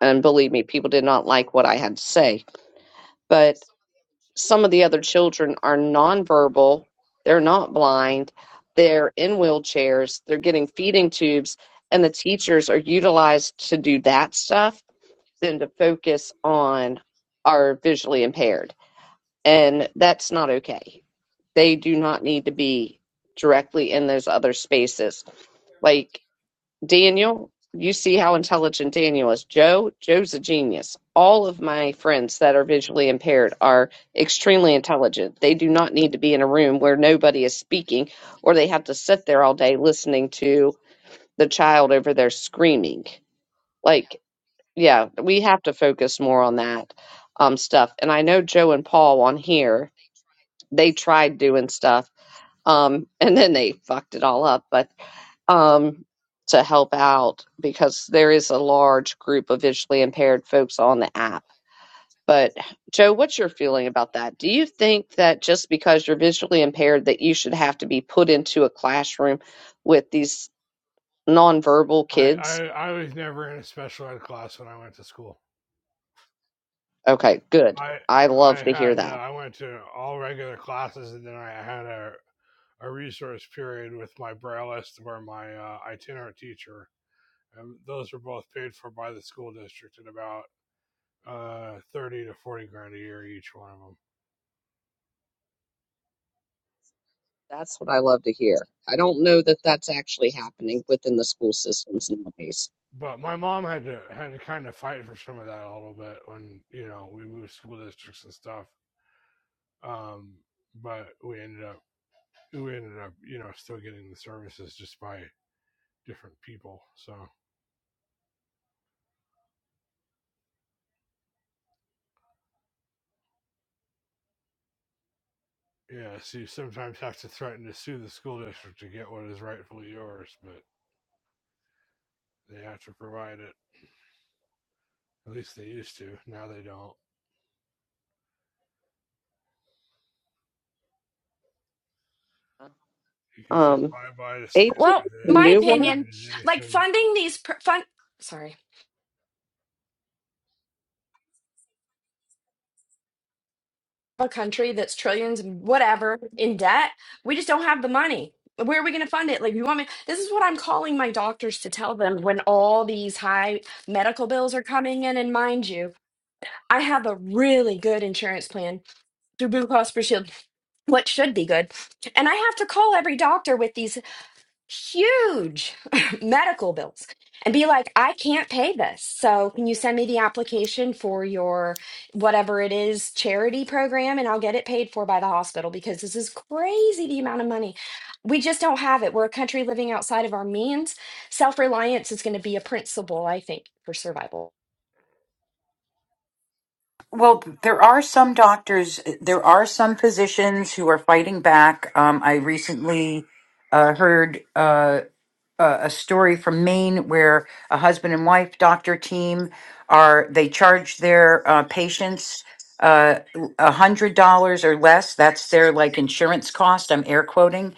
and believe me, people did not like what I had to say, but some of the other children are nonverbal, they're not blind, they're in wheelchairs, they're getting feeding tubes, and the teachers are utilized to do that stuff than to focus on our visually impaired. And that's not okay. They do not need to be directly in those other spaces. Like Daniel, you see how intelligent Daniel is. Joe, Joe's a genius. All of my friends that are visually impaired are extremely intelligent. They do not need to be in a room where nobody is speaking or they have to sit there all day listening to the child over there screaming. Like, yeah, we have to focus more on that um, stuff. And I know Joe and Paul on here, they tried doing stuff um, <laughs> and then they fucked it all up. but um, to help out because there is a large group of visually impaired folks on the app. But Joe, what's your feeling about that? Do you think that just because you're visually impaired that you should have to be put into a classroom with these nonverbal
I, I
kids?
I was never in a special ed class when I went to school.
Okay, good.
I
I love
I
to hear
had uh,
that.
I went to all regular classes and then I had a a resource period with my brailleist or my uh, itinerant teacher, and those were both paid for by the school district at about uh, thirty to forty grand a year each one of them.
That's what I love to hear. I don't know that that's actually happening within the school systems nowadays.
But my mom had to had to kind of fight for some of that a little bit when you know we moved school districts and stuff. Um, but we ended up we ended up you know still getting the services just by different people. So Yeah, so you sometimes have to threaten to sue the school district to get what is rightfully yours, but they have to provide it. At least they used to. Now they don't. You can say
Um,
bye bye to
atheism
Well,
and
my
standardiza-
new one.
opinion, like
standardization.
funding these pr- fun, sorry, a country that's trillions and whatever in debt, we just don't have the money. Where are we going to fund it? Like, you want me? This is what I'm calling my doctors to tell them when all these high medical bills are coming in. And mind you, I have a really good insurance plan through Blue Cross Blue Shield, what should be good. And I have to call every doctor with these huge <laughs> medical bills and be like, I can't pay this. So can you send me the application for your whatever it is charity program and I'll get it paid for by the hospital because this is crazy the amount of money. We just don't have it. We're a country living outside of our means. Self reliance is going to be a principle, I think, for survival.
Well, there are some doctors, there are some physicians who are fighting back. Um, I recently uh, heard uh, a a story from Maine where a husband and wife doctor team are they charge their uh, patients uh, a hundred dollars or less. That's their like insurance cost. I'm air quoting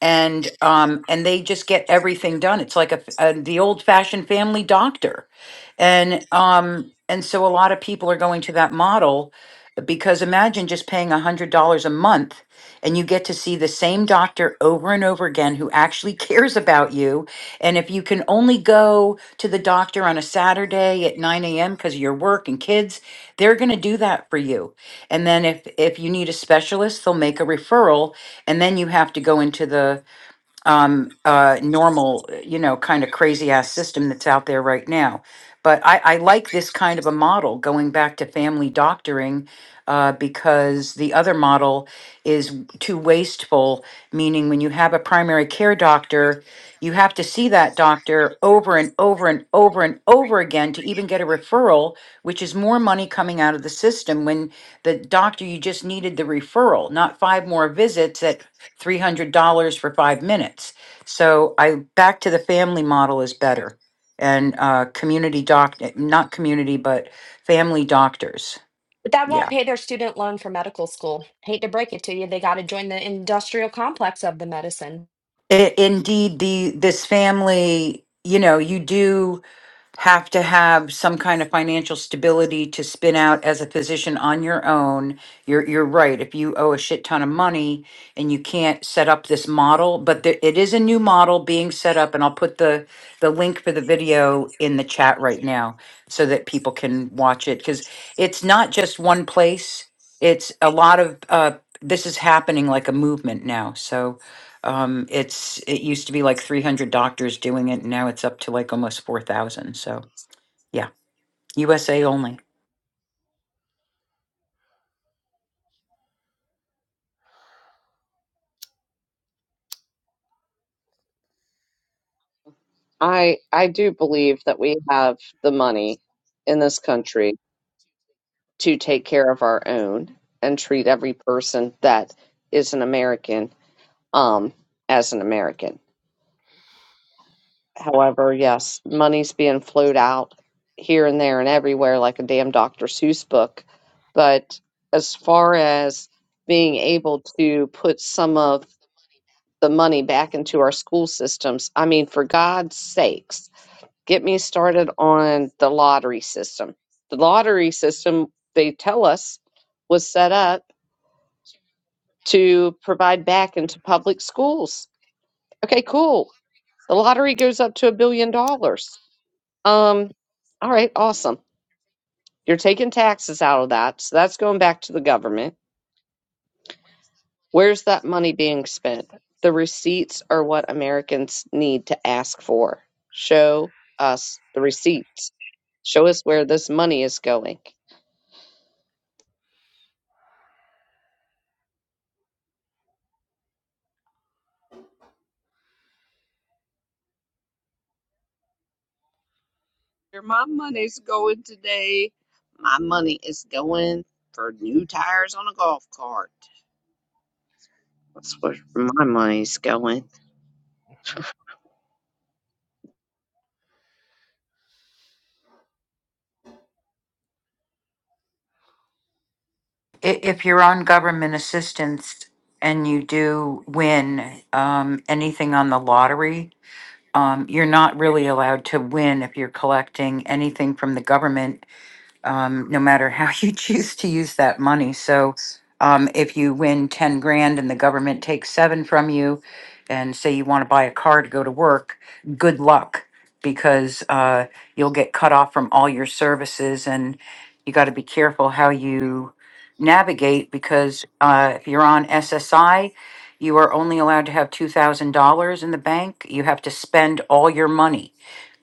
and um and they just get everything done it's like a, f- uh the old fashioned family doctor and um and so a lot of people are going to that model because imagine just paying a hundred dollars a month and you get to see the same doctor over and over again who actually <laughs> cares about you and if you can only go to the doctor on a saturday at 9 a.m because of your work and kids they're going to do that for you and then if if you need a specialist they'll make a referral and then you have to go into the um, uh, normal, you know, kind of crazy ass system that's out there right now. But I, I like this kind of a model going back to family doctoring uh, because the other model is too wasteful, meaning when you have a primary care doctor, you have to see that doctor over and over and over and over again to even get a referral, which is more money coming out of the system when the doctor you just needed the referral, not five more visits at $300 for five minutes. So I back to the family model is better and uh, community doc, not community, but family doctors.
But that won't
Yeah.
pay their student loan for medical school. Hate to break it to you. They got to join the industrial complex of the medicine.
I indeed, the this family, you know, you do have to have some kind of financial stability to spin out as a physician on your own. You're you're right. If you owe a shit ton of money and you can't set up this model, but there, it is a new model being set up, and I'll put the the link for the video in the chat right now so that people can watch it because it's not just one place. It's a lot of uh, this is happening like a movement now. So um, it's it used to be like 300 doctors doing it, and now it's up to like almost 4,000. So yeah, USA only.
I I do believe that we have the money in this country to take care of our own and treat every person that is an American um as an American. However, yes, money's being flowed out here and there and everywhere like a damn Dr. Seuss book. But as far as being able to put some of the money back into our school systems, I mean, for God's sakes, get me started on the lottery system. The lottery system, they tell us, was set up to provide back into public schools. Okay, cool. The lottery goes up to a billion dollars Um, all right, awesome. You're taking taxes out of that, so that's going back to the government. Where's that money being spent? The receipts are what Americans need to ask for. Show us the receipts. Show us where this money is going. Where my money's going today, my money is going for new tires on a golf cart. That's where my money's going.
I- If you're on government assistance and you do win um, anything on the lottery, um, you're not really allowed to win if you're collecting anything from the government um, no matter how <laughs> you choose to use that money. So um, if you win 10 grand and the government takes seven from you and say you want to buy a car to go to work, good luck because uh, you'll get cut off from all your services and you got to be careful how you navigate because uh, if you're on SSI, you are only allowed to have $2,000 in the bank. You have to spend all your money.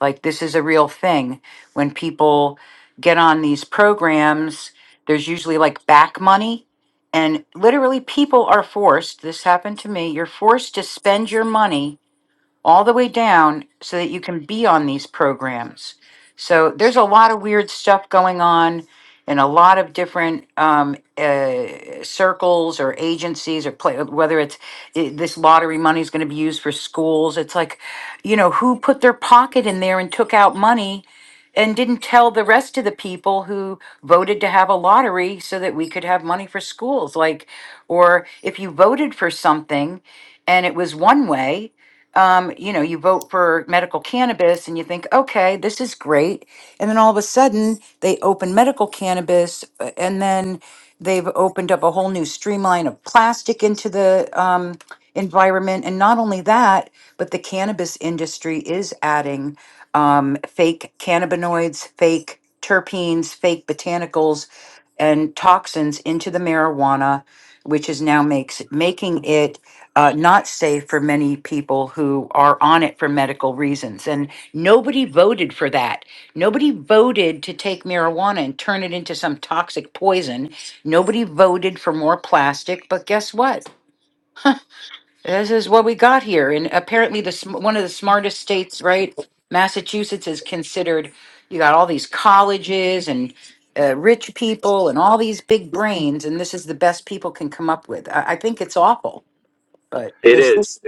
Like, this is a real thing when people get on these programs, there's usually like back money. And literally, people are forced, this happened to me, you're forced to spend your money all the way down so that you can be on these programs. So there's a lot of weird stuff going on in a lot of different um, uh, circles or agencies or play, whether it's i this lottery money is going to be used for schools. It's like, you know, who put their pocket in there and took out money and didn't tell the rest of the people who voted to have a lottery so that we could have money for schools. Like, or if you voted for something and it was one way um, you know, you vote for medical cannabis and you think, okay, this is great. And then all of a sudden, they open medical cannabis uh, and then they've opened up a whole new streamline of plastic into the um, environment. And not only that, but the cannabis industry is adding um, fake cannabinoids, fake terpenes, fake botanicals, and toxins into the marijuana, which is now makes making it uh, not safe for many people who are on it for medical reasons. And nobody voted for that. Nobody voted to take marijuana and turn it into some toxic poison. Nobody voted for more plastic. But guess what? This is what we got here. And apparently, the sm- one of the smartest states, right? Massachusetts is considered. You got all these colleges and uh, rich people and all these big brains, and this is the best people can come up with. I, I think it's awful. But is this?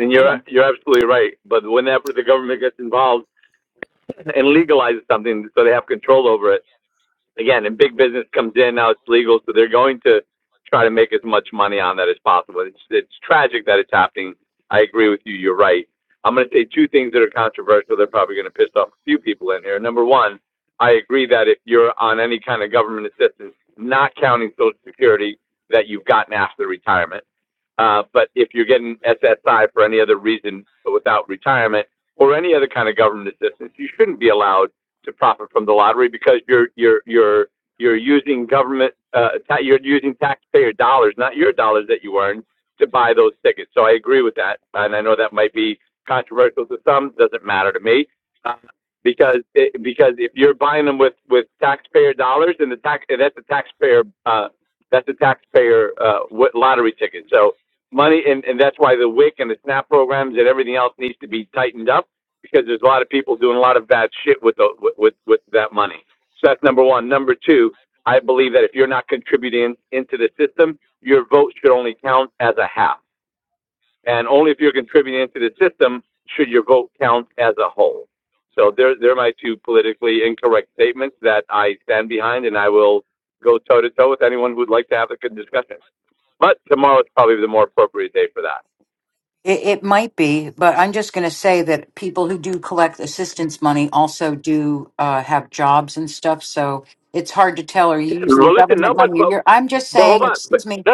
It, it might be, but I'm just going to say that people who do collect assistance money also do uh, have jobs and stuff. So it's hard to tell. Are you using government money? Or you're, I'm just saying, excuse me.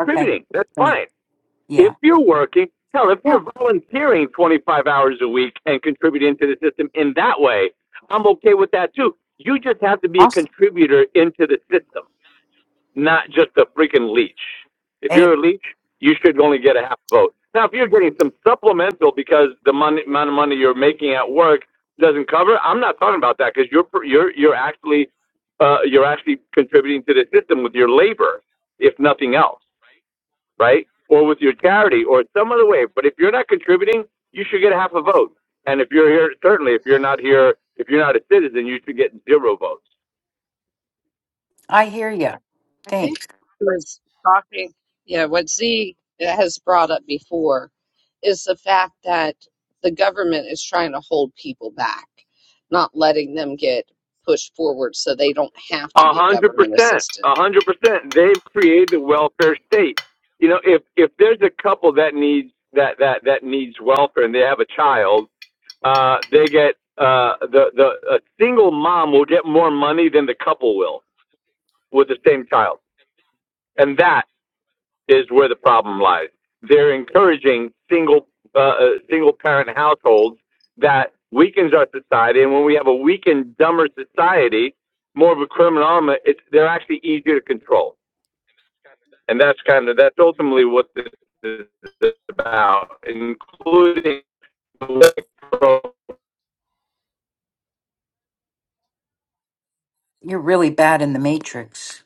Okay. Thank-
If
Yeah.
you're working, hell, if
Yeah.
you're volunteering 25 hours a week and contributing to the system in that way, I'm okay with that too. You just have to be a
Awesome.
contributor into the system, not just a freaking leech. If
Hey,
you're a leech, you should only get a half vote. Now, if you're getting some supplemental because the money, amount of money you're making at work doesn't cover, I'm not talking about that because you're you're you're actually uh, you're
I hear you.
I think
Thanks.
he was talking, yeah, what Z has brought up before is the fact that the government is trying to hold people back, not letting them get pushed forward so they don't have to get government assistance.
and that's kind of that's ultimately what that
You're really bad in the matrix.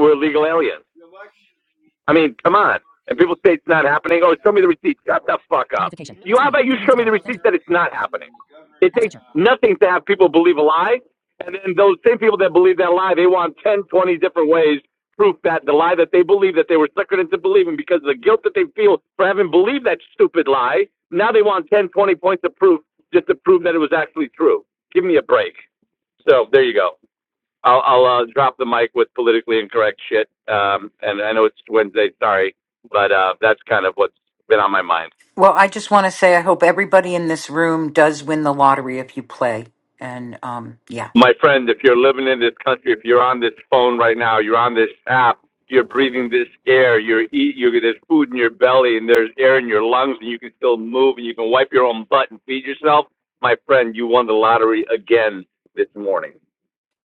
we're a legal alien.
Notification.
Well, I just want to say I hope everybody in this room does win the lottery if you play. And um, yeah,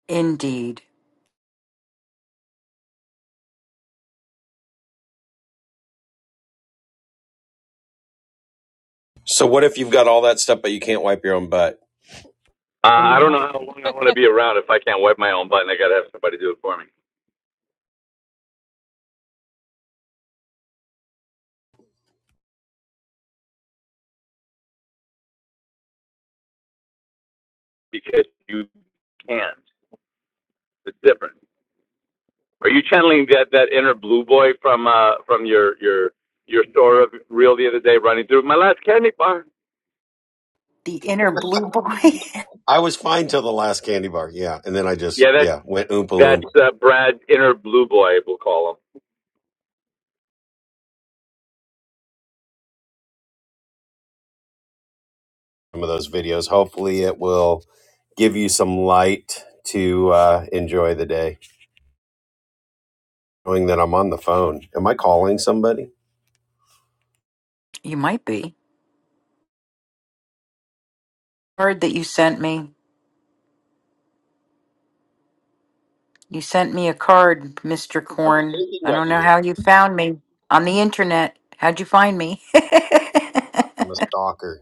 indeed.
So what if you've got all that stuff, but you can't wipe your own butt?
The inner blue boy.
I was fine till the last candy bar, yeah. And then I just, yeah, went oompa loompa. some of those videos. Hopefully, it will give you some light to uh, enjoy the day. Knowing that I'm on the phone. Am I calling somebody?
<laughs> you might be. card that you sent me. You sent me a card, Mr.
I was
Corn.
thinking
I
of
don't know
you.
how you found me on the internet. How'd you find me? <laughs>
I'm a stalker.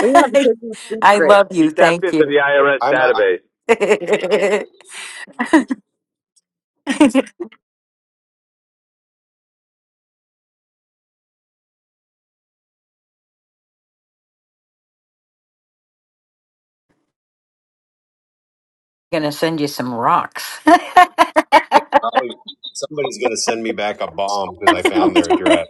We have a hidden
I
secrets.
love you. Thank you.
I'm a,
<laughs> going to send you some rocks. <laughs>
probably somebody's going to send me back a bomb because I found their address.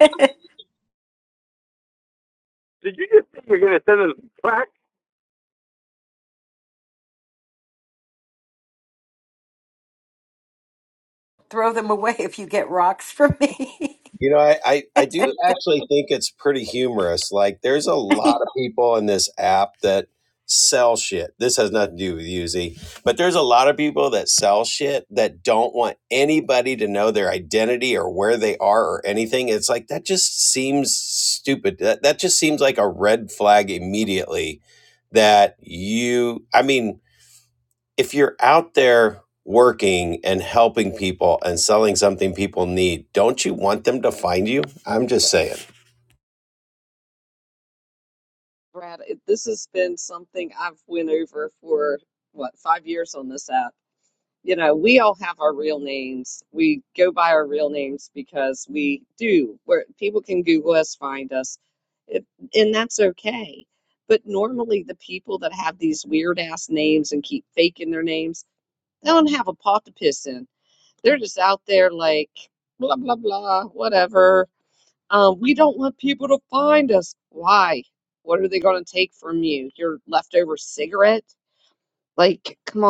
Throw them away if you get rocks from me.
You know, I, I,
<laughs>
I do actually think it's pretty humorous. Like, there's a lot of people in this app that sell shit. This has nothing to do with you, Z, but there's a lot of people that sell shit that don't want anybody to know their identity or where they are or anything. It's like, that just seems stupid. That, that just seems like a red flag immediately that you, I mean, if you're out there working and helping people and selling something people need, don't you want them to find you? I'm just saying.
Brad, it- this has been something I've went over for what, five years on this app. you know, we all have our real names. We go by our real names because we do. Where people can Google us, find us, it, and that's okay. But normally, the people that have these weird ass names and keep faking their names, they don't have a pot to piss in. They're just out there like blah blah blah, whatever. Um, we don't want people to find us. Why? What are they going to take from you? Your leftover cigarette? Like, come on.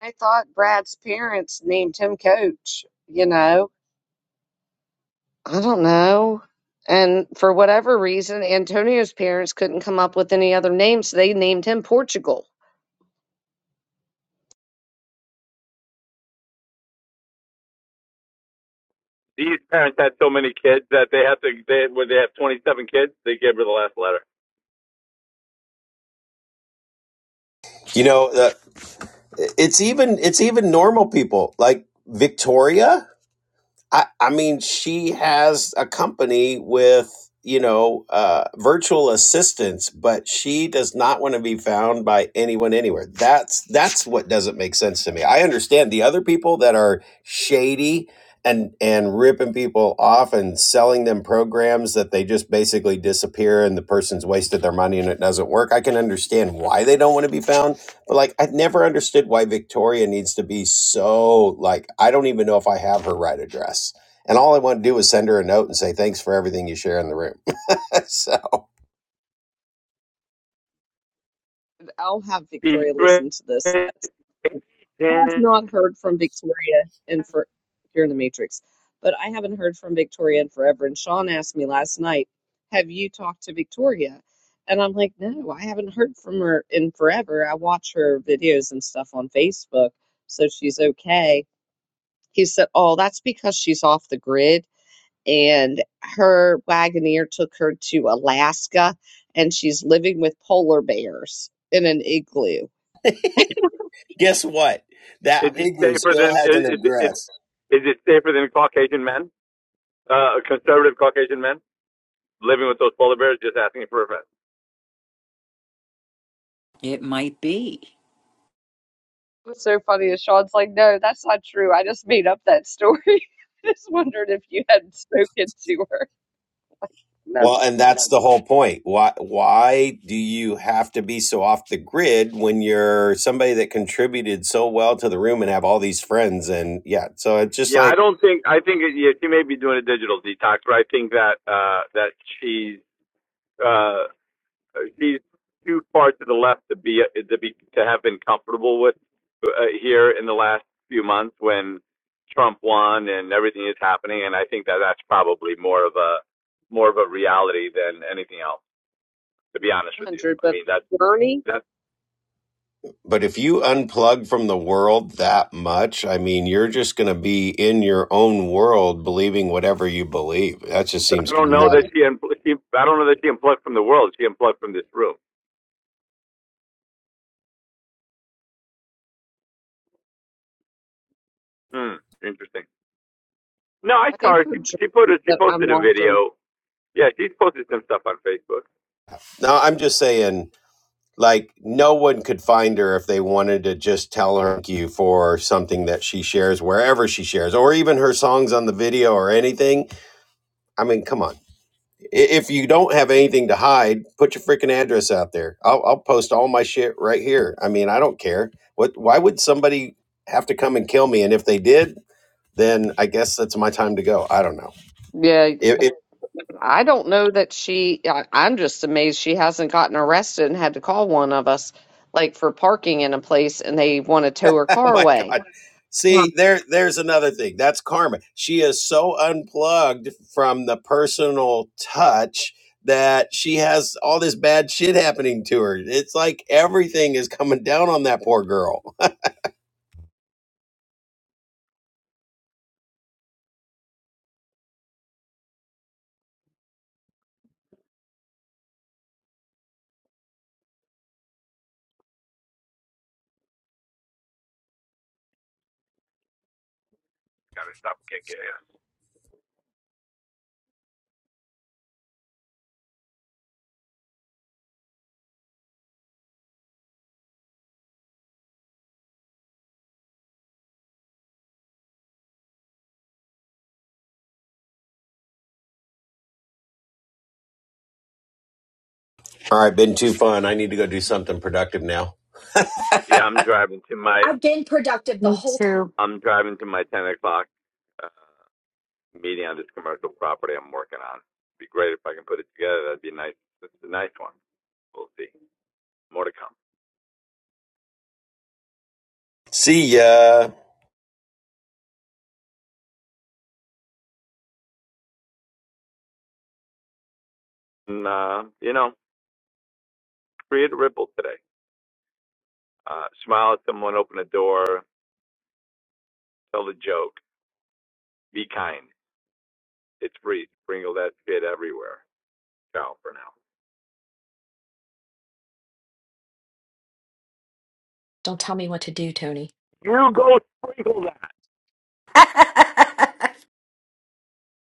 I thought Brad's parents named him coach, you know. I don't know. And for whatever reason, Antonio's parents couldn't come up with any other names. so they named him Portugal.
You know, uh, it's even it's even normal people like Victoria. I, I mean, she has a company with, you know, uh, virtual assistants, but she does not want to be found by anyone anywhere. That's that's what doesn't make sense to me. I understand the other people that are shady and and ripping people off and selling them programs that they just basically disappear and the person's wasted their money and it doesn't work. I can understand why they don't want to be found but like I've never understood why Victoria needs to be so like I don't even know if I have her right address. And all I want to do is send her a note and say thanks for everything you share in the room. <laughs> so
I'll have Victoria listen to this. I have not heard from Victoria in for here in the Matrix, but I haven't heard from Victoria in forever. And Sean asked me last night, "Have you talked to Victoria?" And I'm like, "No, I haven't heard from her in forever. I watch her videos and stuff on Facebook, so she's okay." He said, "Oh, that's because she's off the grid." And her Wagoneer took her to Alaska, and she's living with polar bears in an igloo
guess what? That igloo still has an address.
it might be.
was so funny is Sean's like, no, that's not true. I just made up that story. <laughs> I just wondered if you had spoken to her.
Well, and that's the whole point. Why why do you have to be so off the grid when you're somebody that contributed so well to the room and have all these friends and yeah, so it's just like
one Hundred, but journey.
But if you unplug from the world that much, I mean, you're just going to be in your own world believing whatever you believe. That just seems kind of nutty.
I think her journey that I'm watching.
No, I'm just saying, like, no one could find her if they wanted to just tell her thank you for something that she shares wherever she shares, or even her songs on the video or anything. I mean, come on. I- If you don't have anything to hide, put your freaking address out there. I'll, I'll post all my shit right here. I mean, I don't care. What? Why would somebody have to come and kill me? And if they did, then I guess that's my time to go. I don't know.
Yeah.
If, if,
I don't know that she, I, I'm just amazed she hasn't gotten arrested and had to call one of us, like for parking in a place and they want to tow her
<laughs> oh
car
my
away.
god. See, there, there's another thing. That's karma. She is so unplugged from the personal touch that she has all this bad shit happening to her. It's like everything is coming down on that poor girl. All right, been too fun. I need to go do something productive now.
I've been productive the
Me
whole time.
too.
See ya.
Don't tell me what to do, Tony.
<laughs>